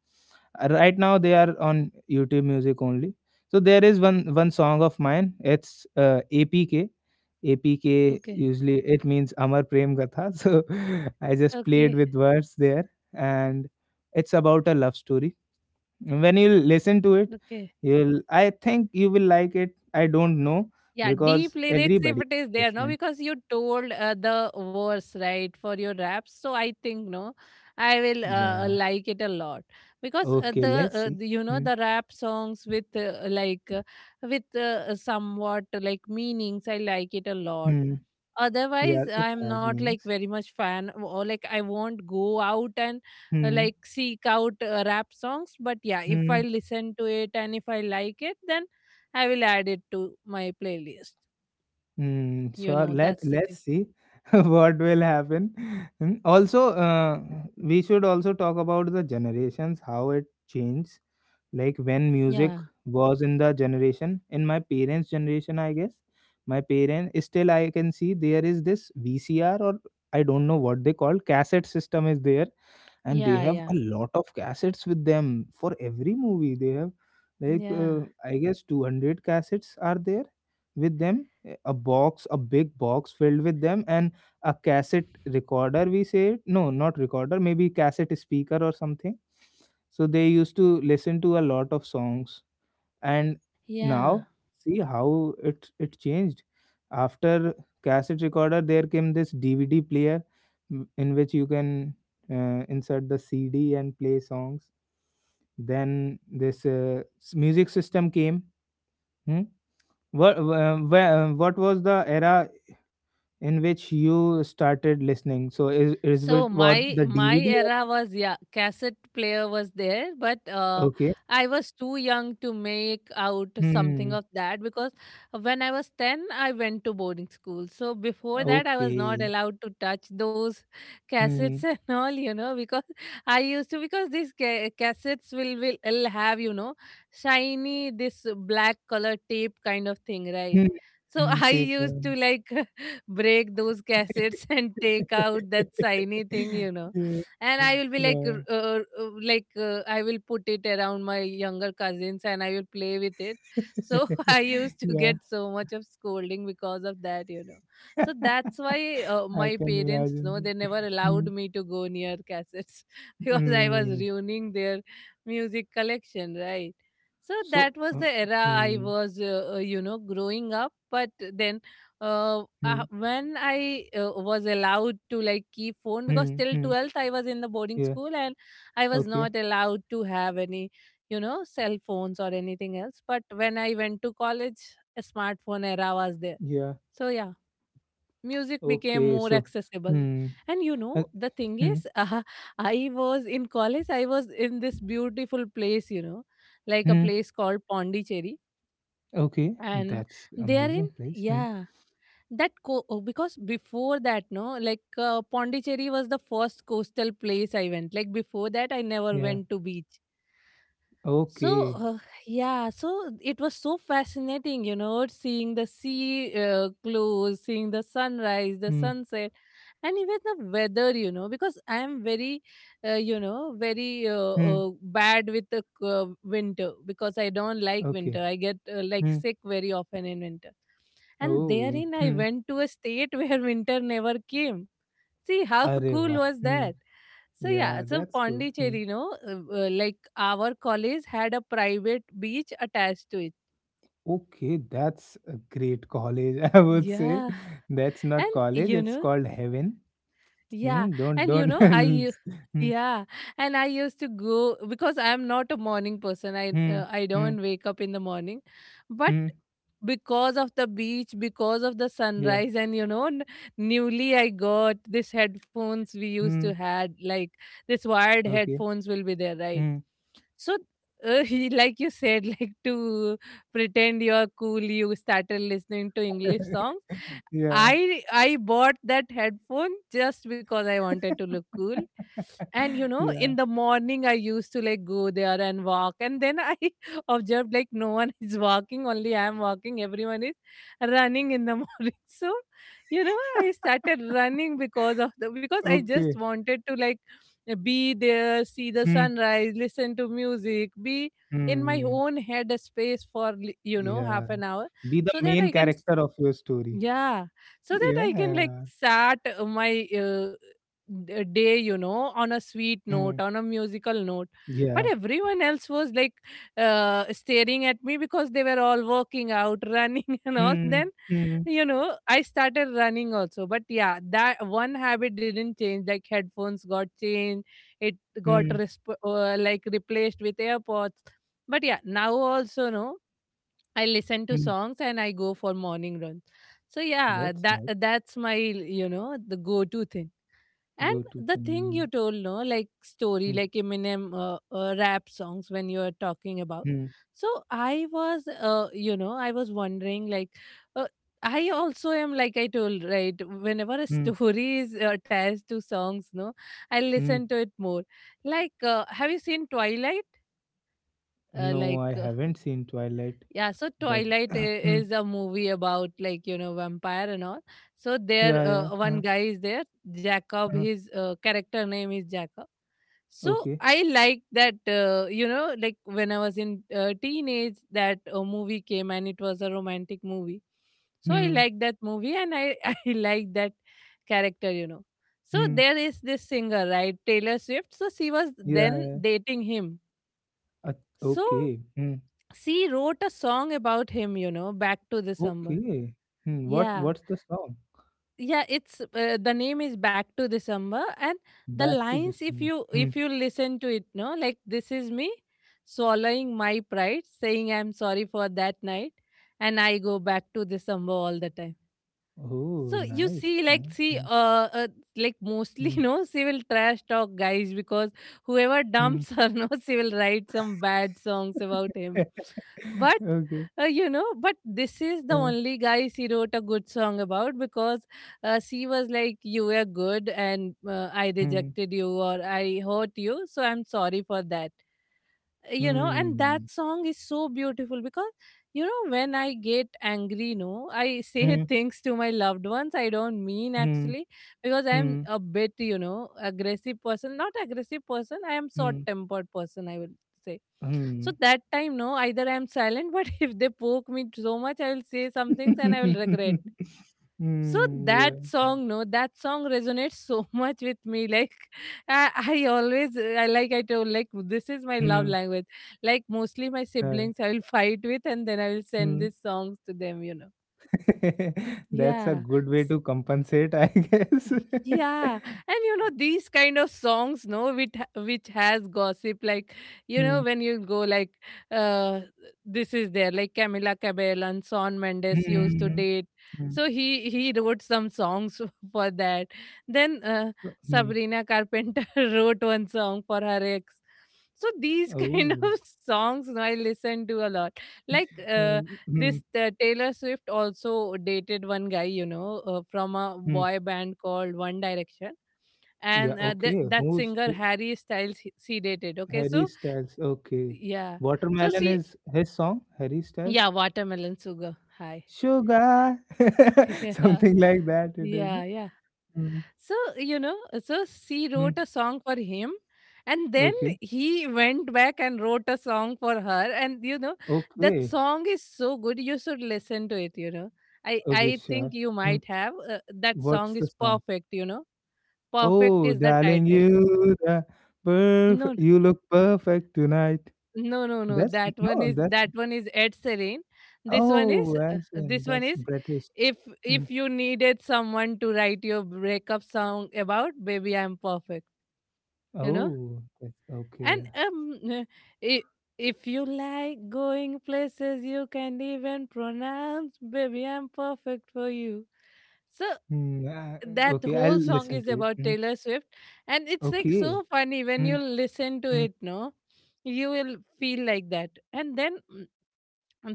Right now they are on YouTube Music only. So there is one song of mine, it's APK. APK
Okay,
usually it means Amar Prem Gatha. So I just
okay,
played with words there. And it's about a love story. When you listen to it,
okay.
you'll, I think you will like it, I don't know,
Yeah,
because
deep lyrics, if
everybody
it is
is
there, no,
different.
because you told the verse right for your raps, so I think no, I will
Yeah,
like it a lot because
okay, let's see.
the, you know,
Hmm.
the rap songs with somewhat like meanings, I like it a lot.
Hmm. Yeah,
Otherwise,
it
I'm
has
not like
meanings.
very much fan or like I won't go out and
Hmm.
like seek out rap songs. But yeah, if I
Hmm.
listen to it and if I like it, then I will add it to my playlist.
Mm,
You
sure.
know,
Let's
that's the
let's
thing.
see what will happen. Mm, also, we should also talk about the generations, how it changed. Like when music
Yeah,
was in the generation, in my parents' generation, I guess, my parents, still I can see there is this VCR or I don't know what they call, cassette system is there, and they
yeah,
have
yeah,
a lot of cassettes with them. For every movie they have, like
yeah,
I guess 200 cassettes are there with them. Eh, a box, a big box filled with them, and a cassette recorder we say it. No, not recorder, maybe cassette speaker or something. So they used to listen to a lot of songs. And
yeah.
now, see how it changed. After cassette recorder, there came this DVD player, in which you can insert the CD and play songs. Then this music system came. Hmm? What was the era in which you started listening? So is
So
it, what,
my
the
my
DVD
era
era?
was, yeah, cassette player was there, but
Okay.
I was too young to make out something
Hmm.
of that because when I was 10 I went to boarding school. So before that I was not
Okay.
allowed to touch those cassettes
Hmm.
and all, you know, because I used to, because these cassettes will have, you know, shiny this black color tape kind of thing, right?
Hmm.
So
Hmm.
I
Tape.
used to like break those cassettes and take out that shiny thing, you know.
Yeah.
And I will be like,
Yeah.
I will put it around my younger cousins and I will play with it. So I used to
Yeah.
get so much of scolding because of that, you know. So that's why
I
my
can
parents, no, they
imagine that.
never allowed
Mm.
me to go near cassettes because I was
Mm.
ruining their music collection, right? So
So,
that was the era I
mm,
was, you know, growing up. But then
mm,
when I was allowed to like keep phone, because
mm,
till
mm.
12th I was in the boarding
Yeah.
school and I was
Okay.
not allowed to have any, you know, cell phones or anything else. But when I went to college, a smartphone era was there.
Yeah.
So yeah, music became
Okay.
more
So,
accessible.
mm,
And you know
uh,
the thing is,
mm,
I was in college, I was in this beautiful place, you know, like a
mm.
place called Pondicherry.
Okay.
And
That's
therein,
amazing place. Mm.
yeah, that oh, because before that no, like Pondicherry was the first coastal place I went. Like before that I never
Yeah.
went to beach. So,
Okay.
yeah, so it was so fascinating, you know, seeing the sea close, seeing the sunrise, the
Mm,
sunset, and even the weather, you know, because I am very, you know, very
mm.
bad with the winter, because I don't like
Okay.
winter. I get like
Mm.
sick very often in winter. And
Oh.
therein, I
Mm.
went to a state where winter never came. See how cool
Areva.
was
Hmm.
that? So yeah,
Yeah.
so
That's good. Mm.
Pondicherry, no, like our college had a private beach attached to it.
Okay, that's a great college. I would say
Yeah,
that's not
and
college.
you
It's
know,
called heaven.
yeah,
Hmm, don't
and you
don't.
know, I,
Hmm,
yeah, and I used to go because I'm not a morning person. I
hmm,
uh, I
hmm,
don't wake up in the morning, but
hmm,
because of the beach, because of the
yeah.
sunrise, and you know, newly I got this headphones. We used to
Hmm.
had like this wired
Okay.
headphones will be there, right?
Hmm.
So, like you said, like to pretend you're cool, you started listening to English songs.
yeah.
I bought that headphone just because I wanted to look cool. And you know,
yeah.
in the morning I used to like go there and walk, and then I observed like no one is walking, only I am walking, everyone is running in the morning. So you know, I started running because of the, because I just
Okay.
wanted to like be there, see the
Hmm.
sunrise, listen to music, be in my
Hmm.
own head space for you know, half
Yeah.
an hour.
Be the
So that I
main
can,
character of your story.
yeah, so that I can like
Yeah.
start day, you know, on a sweet note,
Hmm.
on a musical note. But
Yeah.
everyone else was like staring at me because they were all working out, running, and all.
Hmm.
Then,
Hmm.
you know, I started running also. But yeah, that one habit didn't change. Like headphones got changed, it got
Hmm.
replaced with AirPods. But yeah, now also no. I listen
Hmm.
to
Hmm.
songs and I go for morning run. So yeah,
That's
that
nice.
that's my, you know, the go-to thing. And
Go to
the thing you
thing.
told, no, like story,
Hmm.
like Eminem rap songs when you are talking about.
Hmm,
So I was, you know, I was wondering, like, uh, I also am, like I told, right? Whenever a
hmm,
story is attached to songs, no, I
hmm.
listen to it more. Like, have you seen Twilight? Uh,
No,
like
I
uh,
haven't seen Twilight,
yeah, so
but
Twilight
hmm,
is a movie about like, you know, vampire and all. So there,
yeah, yeah,
one
huh,
guy is there, Jacob.
huh,
His character name is Jacob. So
okay.
I like that, you know, like when I was in teenage, that movie came and it was a romantic movie. So I
Hmm,
like that movie and I I like that character. You know, so
hmm,
there is this singer right, Taylor Swift. So she was then
yeah,
dating him,
uh,
so
okay. Hmm,
she wrote a song about him, you know, Back to December.
okay. Hmm, what
Yeah.
what's the song?
Yeah, it's the name is Back to December. And the
Back to the
lines, if
singer.
you,
Hmm.
if you listen to it, no, like, this is me swallowing my pride, saying I'm sorry for that night, and I go back to December all the time.
Oh,
So you
nice. Nice.
see,
Hmm,
like mostly,
hmm,
you know, she will trash talk guys because whoever
hmm.
dumps her, no, she will write some bad songs about him. But
Okay.
you know, but this is the
Uh,
only guy she wrote a good song about because she was like, "You were good, and I
hmm,
rejected you or I hurt you, so I'm sorry for that." You know, and that
hmm,
song is so beautiful because, you know, when I get angry, no, I say
hmm,
things to my loved ones I don't mean
hmm,
actually, because I'm
hmm,
a bit, you know, aggressive person, not aggressive person, I am short
hmm,
tempered person, I will say.
hmm.
So that time, no, either I'm silent, but if they poke me so much, I will say some things and I will regret. So
Hmm,
that
yeah.
song, no, that song resonates so much with me. Like, I, I always, I like I told, like this is my love
Hmm.
language. Like mostly my
Huh.
siblings, I will fight with, and then I will send
Hmm.
these songs to them. You know.
That's a
Yeah.
good way to compensate, I guess.
Yeah, and you know, these kind of songs, no, which which has gossip, like, you
Hmm.
know, when you go like, uh, this is there, like Camila Cabello and Shawn Mendes used to
Hmm.
date,
Hmm.
so he wrote some songs for that. Then
Mm.
Sabrina Carpenter wrote one song for her ex. So these kind of
Oh.
songs no, I listen to a lot, like
Hmm. Hmm.
this Taylor Swift also dated one guy, you know, from a
Mm.
boy band called One Direction.
Yeah,
And
okay.
that
Who's
singer
who?
Harry Styles, he, she dated. Okay,
Harry
so
Styles? Okay.
yeah, so
Watermelon
she,
is his song, Harry Styles.
yeah, watermelon sugar. Hi,
Sugar.
yeah,
Something like that it is.
yeah, yeah.
Hmm.
So, you know, so she
Hmm.
wrote a song for him. And then
Okay.
he went back and wrote a song for her. And, you know, that
Okay.
song is so good. You should listen to it, you know.
Okay,
I
sure.
think you
Hmm.
might have. That
What's
song
the
is
song?
perfect, you know. Perfect
Oh,
is the
darling,
title.
you the
No,
perfect. You look perfect tonight.
no, no, no.
That's
That one
no,
is,
that's
that one is Ed Serene. This one is,
oh, Asian,
this one
that's
is,
British.
if
Mm.
if you needed someone to write your breakup song about, baby, I'm perfect. You know.
Oh, that's okay.
And if if you like going places you can even pronounce, baby, I'm perfect for you. So
Mm,
that
okay, I'll
whole song
listen
is
to it.
about
Mm,
Taylor Swift, and it's like
okay.
so funny when you
Mm,
listen to
mm,
it. No, you will feel like that. And then mm,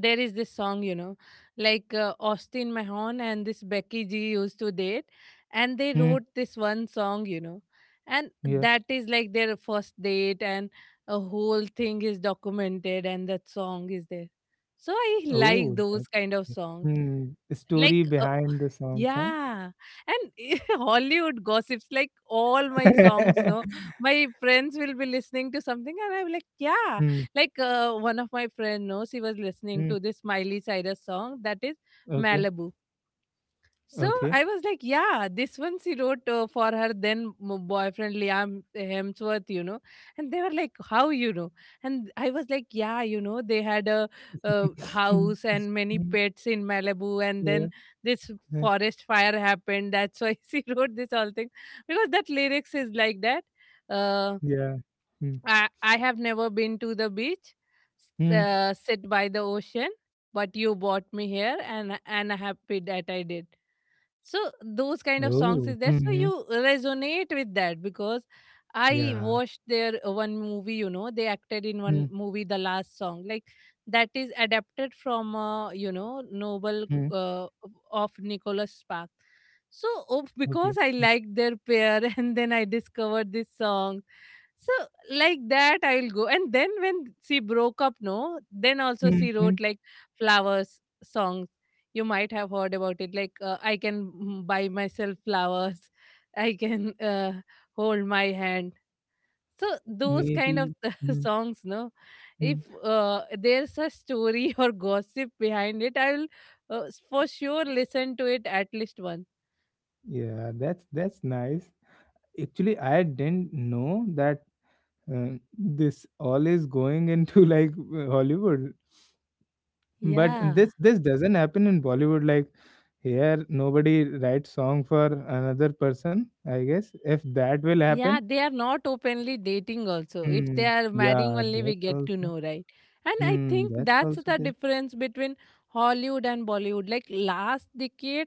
there is this song, you know, like Austin Mahon and this Becky G used to date, and they
mm,
wrote this one song, you know, and
yeah.
that is like their first date and a whole thing is documented and that song is there. So I like
Oh, that.
those kind of songs.
Mm, the
like
story
uh,
behind the songs, huh?
yeah. And Hollywood gossips, like all my songs no, my friends will be listening to something and I'm like, yeah.
Mm,
Like one of my friend no, she was listening
mm,
to this Miley Cyrus song, that is
okay,
Malibu. So
okay.
I was like, yeah, this one she wrote for her then boyfriend Liam Hemsworth, you know. And they were like, how you know? And I was like, yeah, you know, they had a, house and many
Mm,
pets in Malibu, and
yeah,
then this
yeah.
forest fire happened. That's why she wrote this whole thing, because that lyrics is like that. Uh,
Yeah. Mm,
I have never been to the beach,
mm.
sit by the ocean, but you brought me here, and happy that I did. So those kind of songs
Oh,
is there. So
mhm.
you resonate with that because I
Yeah.
watched their one movie, you know, they acted in one
Mhm.
movie, The Last Song, like that is adapted from, you know, Noble uh, of Nicholas Sparks. So oh, because
Okay.
I liked their pair and then I discovered this song. So like that I'll go. And then when she broke up, no, then also she
Mhm.
wrote like Flowers songs. You might have heard about it. Like I can mm, buy myself flowers. I can hold my hand. So those kind of
Maybe. Mhm.
songs, no, if there's a story or gossip behind it, I will uh, for sure listen to it at least once.
Yeah, that's nice. Actually, I didn't know that this all is going into like Hollywood, but
Yeah.
this doesn't happen in Bollywood. Like here, nobody writes song for another person. I guess if that will
Yeah,
happen,
they are not openly dating also. If
mm,
they are marrying
yeah,
only we
that's
get to
also.
know, right? And I
Mm,
think
that's
that's
also
the
there.
difference between Hollywood and Bollywood. Like last decade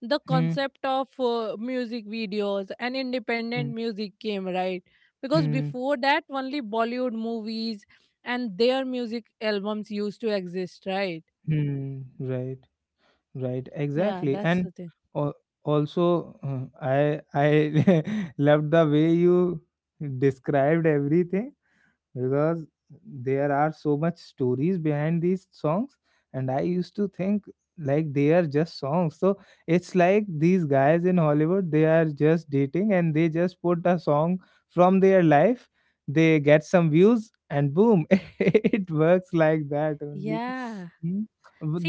the
Hmm.
concept of music videos and independent music came, right? Because
Mm.
before that only Bollywood movies and their music albums used to exist, right?
Hmm, right, right,
Yeah,
exactly.
that's
And
the thing.
al- also, I loved the way you described everything, because there are so much stories behind these songs. And I used to think like they are just songs. So it's like these guys in Hollywood, they are just dating and they just put a song from their life. They get some views and boom, it works like that only.
Yeah.
Hmm.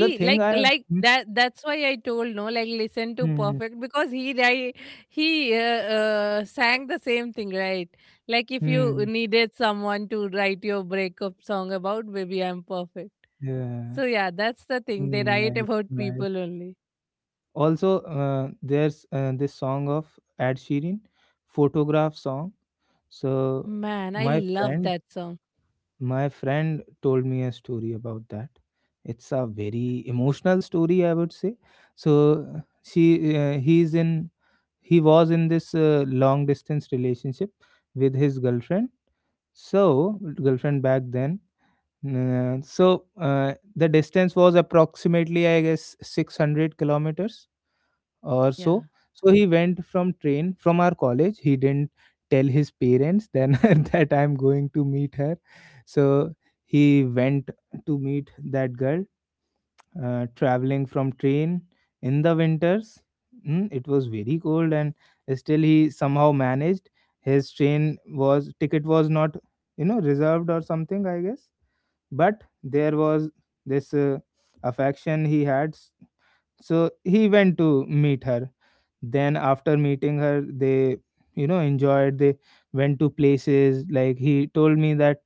the thing
like,
I
like
Hmm,
that. That's why I told no. Like, listen to
hmm,
perfect because he sang the same thing, right? Like, if you
hmm,
needed someone to write your breakup song about, baby, I'm perfect.
yeah.
So yeah, that's the thing. They
Hmm,
write
nice
about
nice.
people only.
Also there's this song of Ed Sheeran, photograph song. So
Man, I
my
love
friend
that song.
my friend told me a story about that. It's a very emotional story, I would say. So she he was in this long distance relationship with his girlfriend. So girlfriend back then, the distance was approximately, I guess, 600 kilometers or
Yeah.
so. So he went from train from our college. He didn't tell his parents then that I'm going to meet her. So he went to meet that girl, traveling from train, in the winters. Mm, it was very cold and still he somehow managed. His train was ticket was not, you know, reserved or something, I guess. But there was this affection he had. So he went to meet her. Then after meeting her, they, you know, enjoyed. They went to places. Like, he told me that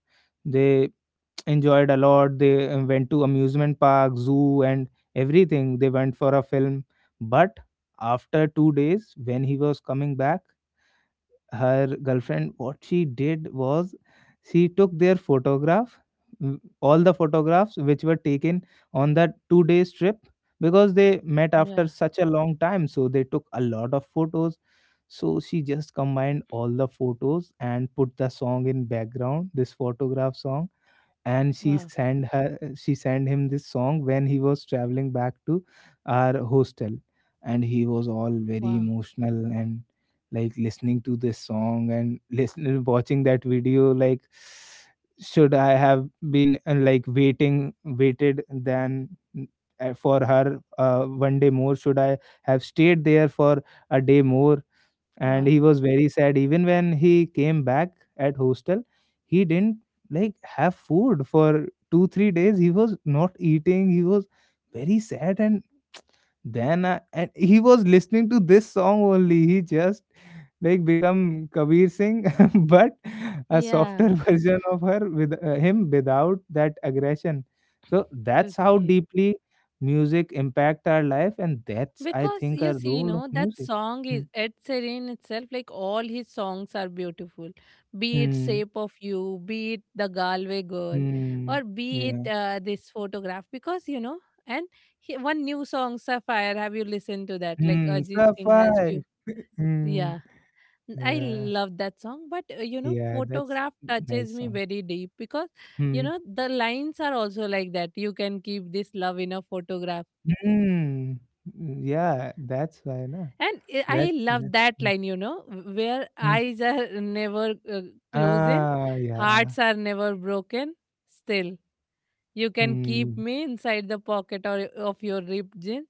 they enjoyed a lot. They went to amusement park, zoo and everything. They went for a film. But after 2 days, when he was coming back, her girlfriend, what she did was, she took their photograph. Mm, all the photographs which were taken on that 2 days trip, because they met after
Yeah.
such a long time, so they took a lot of photos. So she just combined all the photos and put the song in background, this photograph song. And
Wow.
she sent him this song when he was traveling back to our hostel. And he was all very
Wow.
emotional and like listening to this song and listening watching that video, like, should I have been, like, waiting waited then, for her, one day more? Should I have stayed there for a day more? And he
Wow.
was very sad. Even when he came back at hostel, he didn't like have food for 2 3 days. He was not eating. He was very sad. And then and he was listening to this song only. He just like become Kabir Singh, but a
Yeah.
softer version of her, with him, without that aggression. So that's how
Okay.
deeply music impact our life. And that's, I
Because
think,
you
a
see,
role of
that
music.
song
Hmm.
is Ed Sheeran itself, like all his songs are beautiful. Be it
Hmm.
Shape of You, be it The Galway Girl,
Mm,
or be it
yeah.
this photograph. Because, and he, one new song, Sapphire, have you listened to that? Like
Mm,
Ajit
"Sup,
Singh has few.
Five." Mm,
Yeah, I
yeah,
love that song. But,
yeah, that's
photograph touches
nice
me
song.
very deep because,
Mm,
the lines are also like that. You can keep this love in a photograph.
mm, yeah, that's why na.
And I
That's
love
that
that
mm,
line, where
mm.
eyes are never closing,
Ah,
hearts
yeah.
are never broken. Still, you can keep
Mm,
me inside the pocket or of your ripped jeans,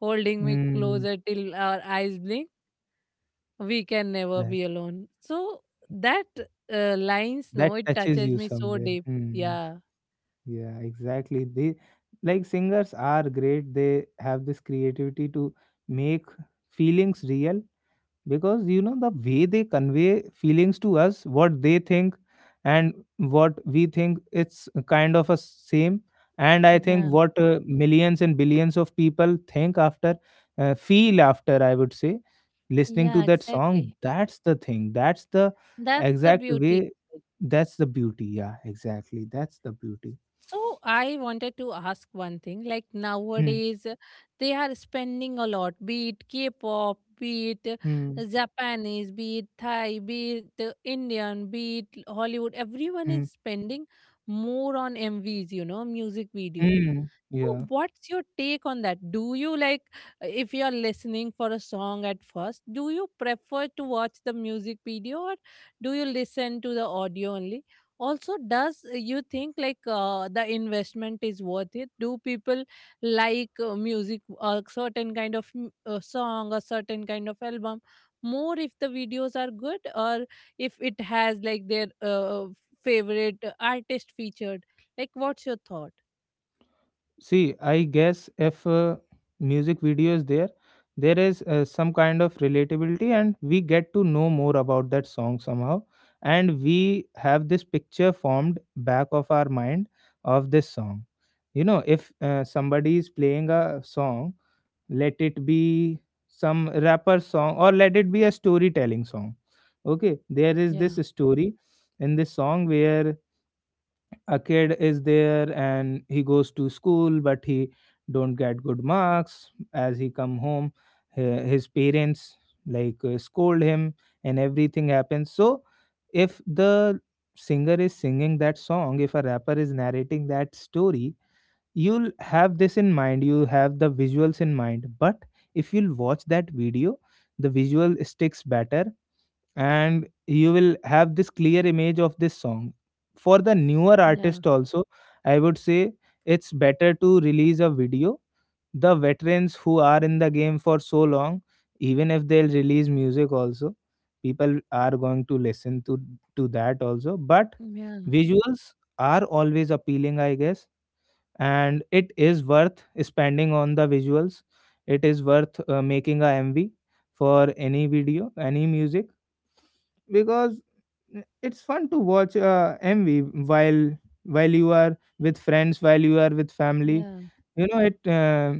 holding me
mm,
closer till our eyes blink. We can never
that
be alone. So that lines, no,
that
it
touches
touches
you
me so
somewhere.
deep.
Mm,
Yeah,
yeah, exactly. They, like, singers are great. They have this creativity to make feelings real, because you know the way they convey feelings to us, what they think and what we think, it's kind of a same. And I think
yeah,
what millions and billions of people think after, feel after, I would say, listening to
yeah,
that song,
exactly.
that's the thing, that's the
That's the
exact
beauty.
way, that's the beauty, yeah, exactly, that's the beauty.
So I wanted to ask one thing. Like
Hmm.
nowadays, they are spending a lot, be it K-pop, be it
Hmm.
Japanese, be it Thai, be it Indian, be it Hollywood. Everyone
Hmm.
is spending more on MVs, music videos.
Hmm.
So,
Yeah.
what's your take on that? Do you like, if you're listening for a song at first, do you prefer to watch the music video or do you listen to the audio only? Also, does you think like the investment is worth it? Do people like music, a certain kind of song, a certain kind of album more if the videos are good or if it has like their favorite artist featured? Like, what's your thought?
See, I guess if music video is there, there is some kind of relatability, and we get to know more about that song somehow, and we have this picture formed back of our mind of this song. You know, if somebody is playing a song, let it be some rapper song or let it be a storytelling song. Okay, there is
Yeah.
this story in this song where a kid is there and he goes to school, but he don't get good marks. As he come home, his parents like scold him and everything happens. So if the singer is singing that song, if a rapper is narrating that story, you'll have this in mind, you have the visuals in mind. But if you'll watch that video, the visual sticks better, and you will have this clear image of this song. For the newer
Yeah.
artist also, I would say, it's better to release a video. The veterans who are in the game for so long, even if they'll release music also, people are going to listen to that also. But
Yeah,
visuals are always appealing, I guess. And it is worth spending on the visuals. It is worth making a MV for any video, any music. Because it's fun to watch MV while while you are with friends, while you are with family.
yeah,
You know,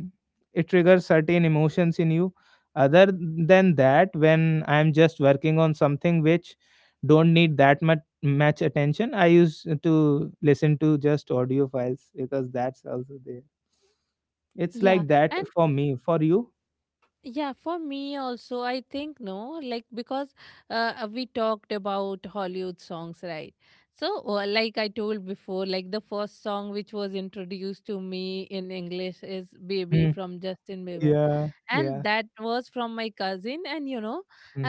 it triggers certain emotions in you. Other than that, when I'm just working on something which don't need that much attention, I used to listen to just audio files, because that's also there. It's
yeah.
like that
And
for me. For you?
yeah, for me also, I think no, like because we talked about Hollywood songs, right? So, like I told before, like the first song which was introduced to me in English is Baby
Hmm.
from Justin Bieber.
Yeah.
And
Yeah.
that was from my cousin, and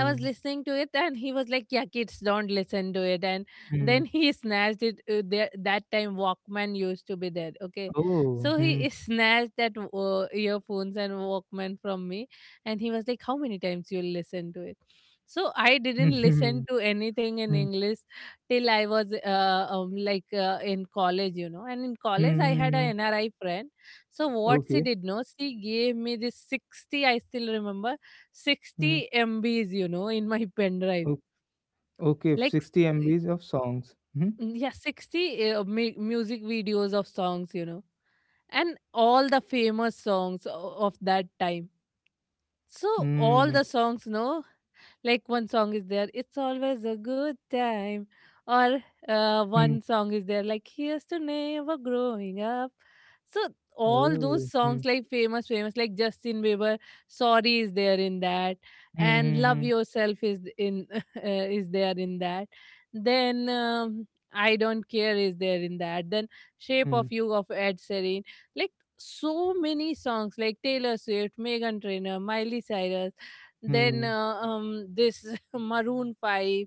I was listening to it, and he was like, yeah, kids don't listen to it. And
Hmm.
then he snatched it, there that time Walkman used to be there, okay.
Oh.
So
Hmm.
he snatched that earphones and Walkman from me, and he was like, how many times you listen to it? So I didn't listen to anything in
Hmm.
English till I was in college, and in college I had an
Mm.
NRI friend. So what she
Okay.
did no, she gave me this 60, I still remember,
Hmm.
60 MBs, in my pen drive.
O- okay.
Like,
60
y-
MBs of songs. Hmm.
yeah, 60 music videos of songs, and all the famous songs of that time. So all
Hmm.
the songs, no, like one song is there, it's always a good time, or
Hmm.
one song is there, like here's to never growing up. So all those
Oh. Hmm.
songs, like famous, famous, like Justin Bieber, "Sorry" is there in that,
Hmm.
and "Love
Hmm.
Yourself" is in is there in that. Then I don't care is there in that. Then Shape of
Hmm.
You of Ed Sheeran, like so many songs like Taylor Swift, Megan Trainor, Miley Cyrus, then
Hmm.
this Maroon 5.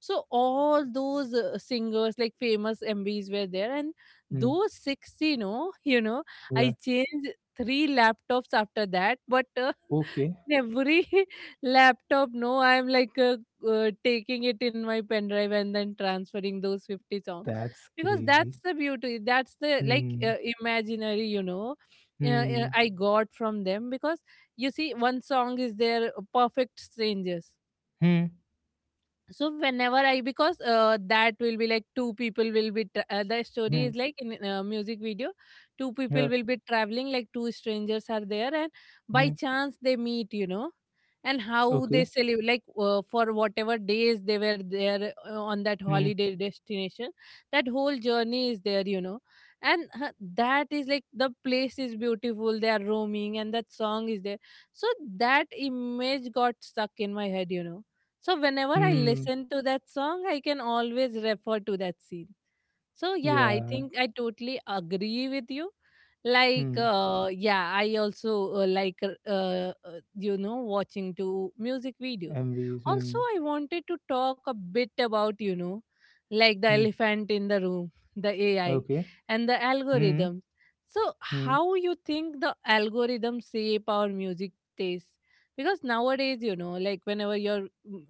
So all those singers, like famous MBs were there. And
Hmm.
those six,
Yeah.
I changed three laptops after that. But
Okay.
in every laptop no I'm like taking it in my pen drive and then transferring those 50 songs,
That's
because
crazy.
that's the beauty, that's the, like
Hmm.
imaginary,
Hmm.
I got from them. Because you see one song is their perfect strangers.
Hmm.
So whenever I, because that will be like two people will be the story
Hmm.
is like in a music video. Two
Yeah.
people will be traveling, like two strangers are there, and
Hmm.
by chance they meet, and how
Okay.
they celebrate, like for whatever days they were there, on that
Hmm.
holiday destination, that whole journey is there, and that is like the place is beautiful, they are roaming and that song is there. So that image got stuck in my head, so whenever I
Hmm.
listen to that song, I can always refer to that scene. So yeah, I
Yeah.
think I totally agree with you. Like
Mm.
yeah, I also uh, like uh, uh, watching to music videos.
MVs.
Also,
Hmm.
I wanted to talk a bit about like the
Mm. Mm,
elephant in the room, the AI,
okay.
and the
Hmm.
algorithm. So
Hmm.
how you think the algorithm shape our music taste? Because nowadays, like whenever you're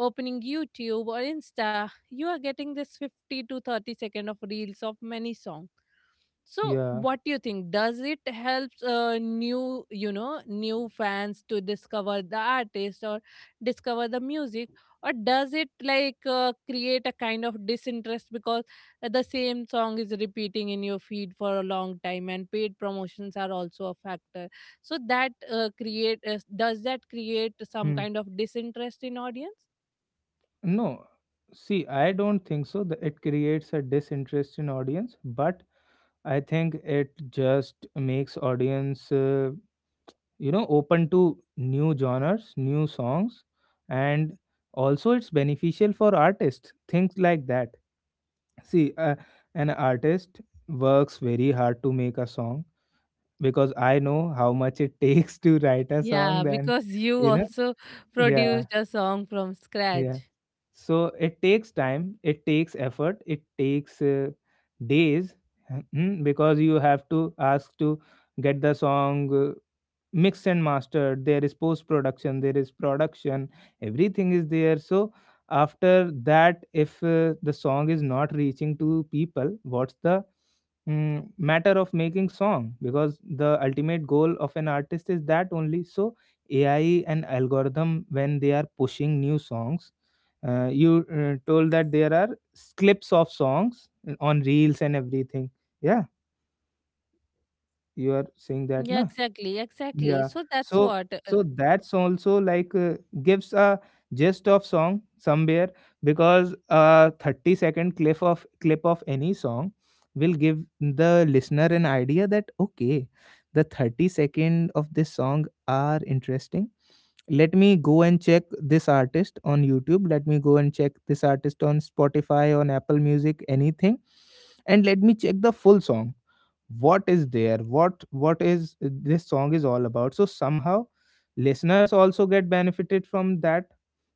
opening YouTube or Insta, you are getting this 50 to 30 second of reels of many songs. So
Yeah.
what do you think? Does it helps new fans to discover the artist or discover the music, or does it like create a kind of disinterest because the same song is repeating in your feed for a long time, and paid promotions are also a factor. So that create does that create some
Hmm.
kind of disinterest in audience?
No, see, I don't think so. It creates a disinterest in audience, but I think it just makes audience, you know, open to new genres, new songs, and also it's beneficial for artists. Things like that. See, an artist works very hard to make a song, because I know how much it takes to write a
Yeah,
song. Then,
because you
you know,
also
yeah,
produced a song from
yeah.
scratch.
So it takes time, it takes effort, it takes days. Mm, because you have to ask to get the song mix and mastered. There is post production, there is production, everything is there. So after that, if the song is not reaching to people, what's the, mm, matter of making song, because the ultimate goal of an artist is that only. So AI and algorithm, when they are pushing new songs, you told that there are clips of songs on reels and everything. Yeah, you are saying that
Yeah,
na.
exactly, exactly.
Yeah,
So that's
so
what. Uh,
so that's also like gives a gist of song somewhere, because a 30 second clip of any song will give the listener an idea that okay, the 30 second of this song are interesting. Let me go and check this artist on YouTube, let me go and check this artist on Spotify, on Apple Music, anything, and let me check the full song. What is there? What is this song is all about? So somehow, listeners also get benefited from that,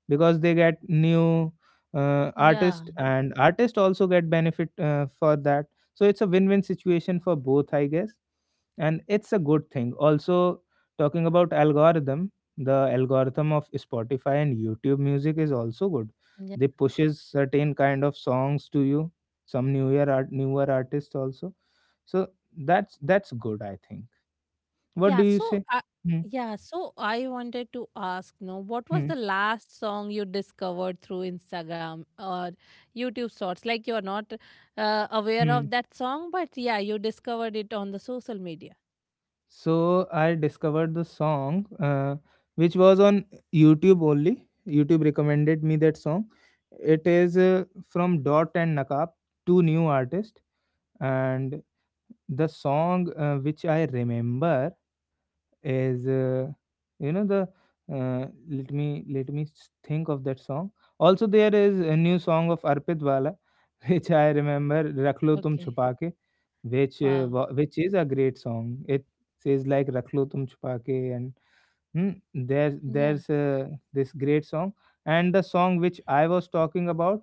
because they get new
yeah,
artist, and artist also get benefit for that. So it's a win-win situation for both, I guess. And it's a good thing also. Talking about algorithm, the algorithm of Spotify and YouTube Music is also good.
yeah,
They pushes certain kind of songs to you, some newer artists also. So that's good, I think. What
yeah.
do you
So,
say? Hmm,
yeah. So I wanted to ask, no, what was
hmm,
the last song you discovered through Instagram or YouTube Shorts? Like you're not aware
hmm.
of that song, but yeah, you discovered it on the social media.
So I discovered the song, which was on YouTube only. YouTube recommended me that song. It is from Dot and Nakap, two new artists, and the song, which I remember, is you know the, let me think of that song. Also, there is a new song of Arpit Wala, which I remember, Rakh Lo Tum
Okay.
Chupa Ke, which
Wow.
which is a great song. It says like Rakh Lo Tum Chupa Ke. And, hmm,
Yeah.
there's this great song. And the song which I was talking about,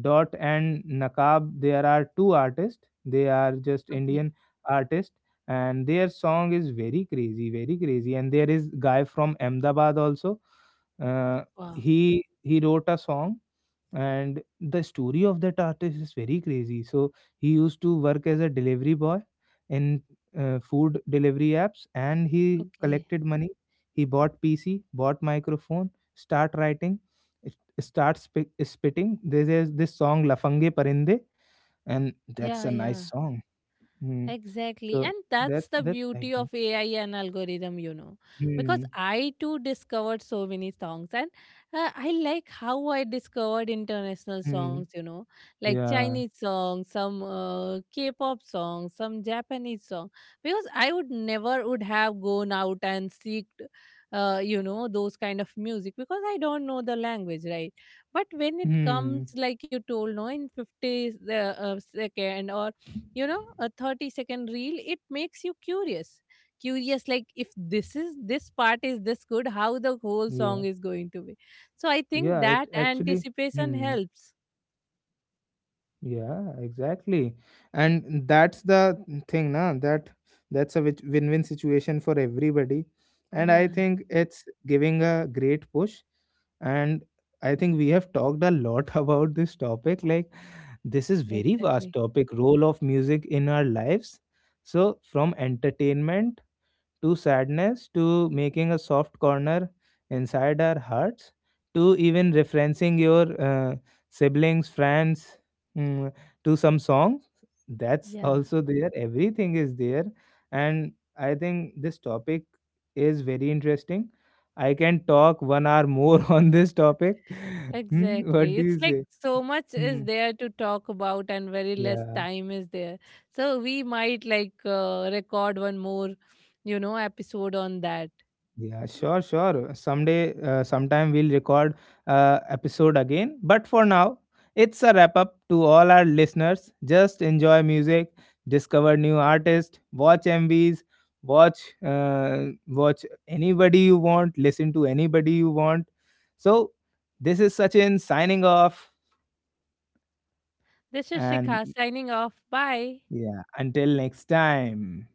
Dot and Nakab, there are two artists. They are just
Okay.
Indian artists, and their song is very crazy, very crazy. And there is guy from Ahmedabad also. Uh,
Wow.
he wrote a song. And the story of that artist is very crazy. So he used to work as a delivery boy in food delivery apps. And he
Okay.
collected money, he bought PC, bought microphone, start writing, spitting. There's, this is this song Lafange Parinde, and that's
Yeah.
a nice
Yeah.
song. Hmm.
Exactly.
So
And that's the
that's like
beauty of
that.
AI and algorithm. Because
Hmm.
I too discovered so many songs. And I like how I discovered international
Hmm.
songs, like
Yeah.
Chinese songs, some K pop songs, some Japanese song. Because I would never would have gone out and seek, those kind of music because I don't know the language, right? But when it comes,
Hmm.
like you told, no, in 50 second or a 30-second reel, it makes you curious like if this part is this good, how the whole
Yeah,
song is going to be. So I think
yeah,
that
it actually,
anticipation
hmm.
helps.
Yeah, exactly. And that's the thing, na, that's a win-win situation for everybody. And I
Yeah,
think it's giving a great push. And I think we have talked a lot about this topic. Like this is very vast
exactly.
topic, role of music in our lives. So from entertainment to sadness, to making a soft corner inside our hearts, to even referencing your, siblings, friends, mm, to some song. That's
Yeah,
also there. Everything is there. And I think this topic is very interesting. I can talk one hour more on this topic. Hmm, what do
exactly,
you
it's like
say?
so much
Hmm.
is there to talk about, and very less
Yeah.
time is there. So we might like record one more episode on that.
Yeah, sure, sure. Someday, sometime we'll record episode again. But for now, it's a wrap up to all our listeners. Just enjoy music, discover new artists, watch MVs, watch, watch anybody you want, listen to anybody you want. So this is Sachin signing off,
This is Shikha
and
signing off. Bye.
yeah, until next time.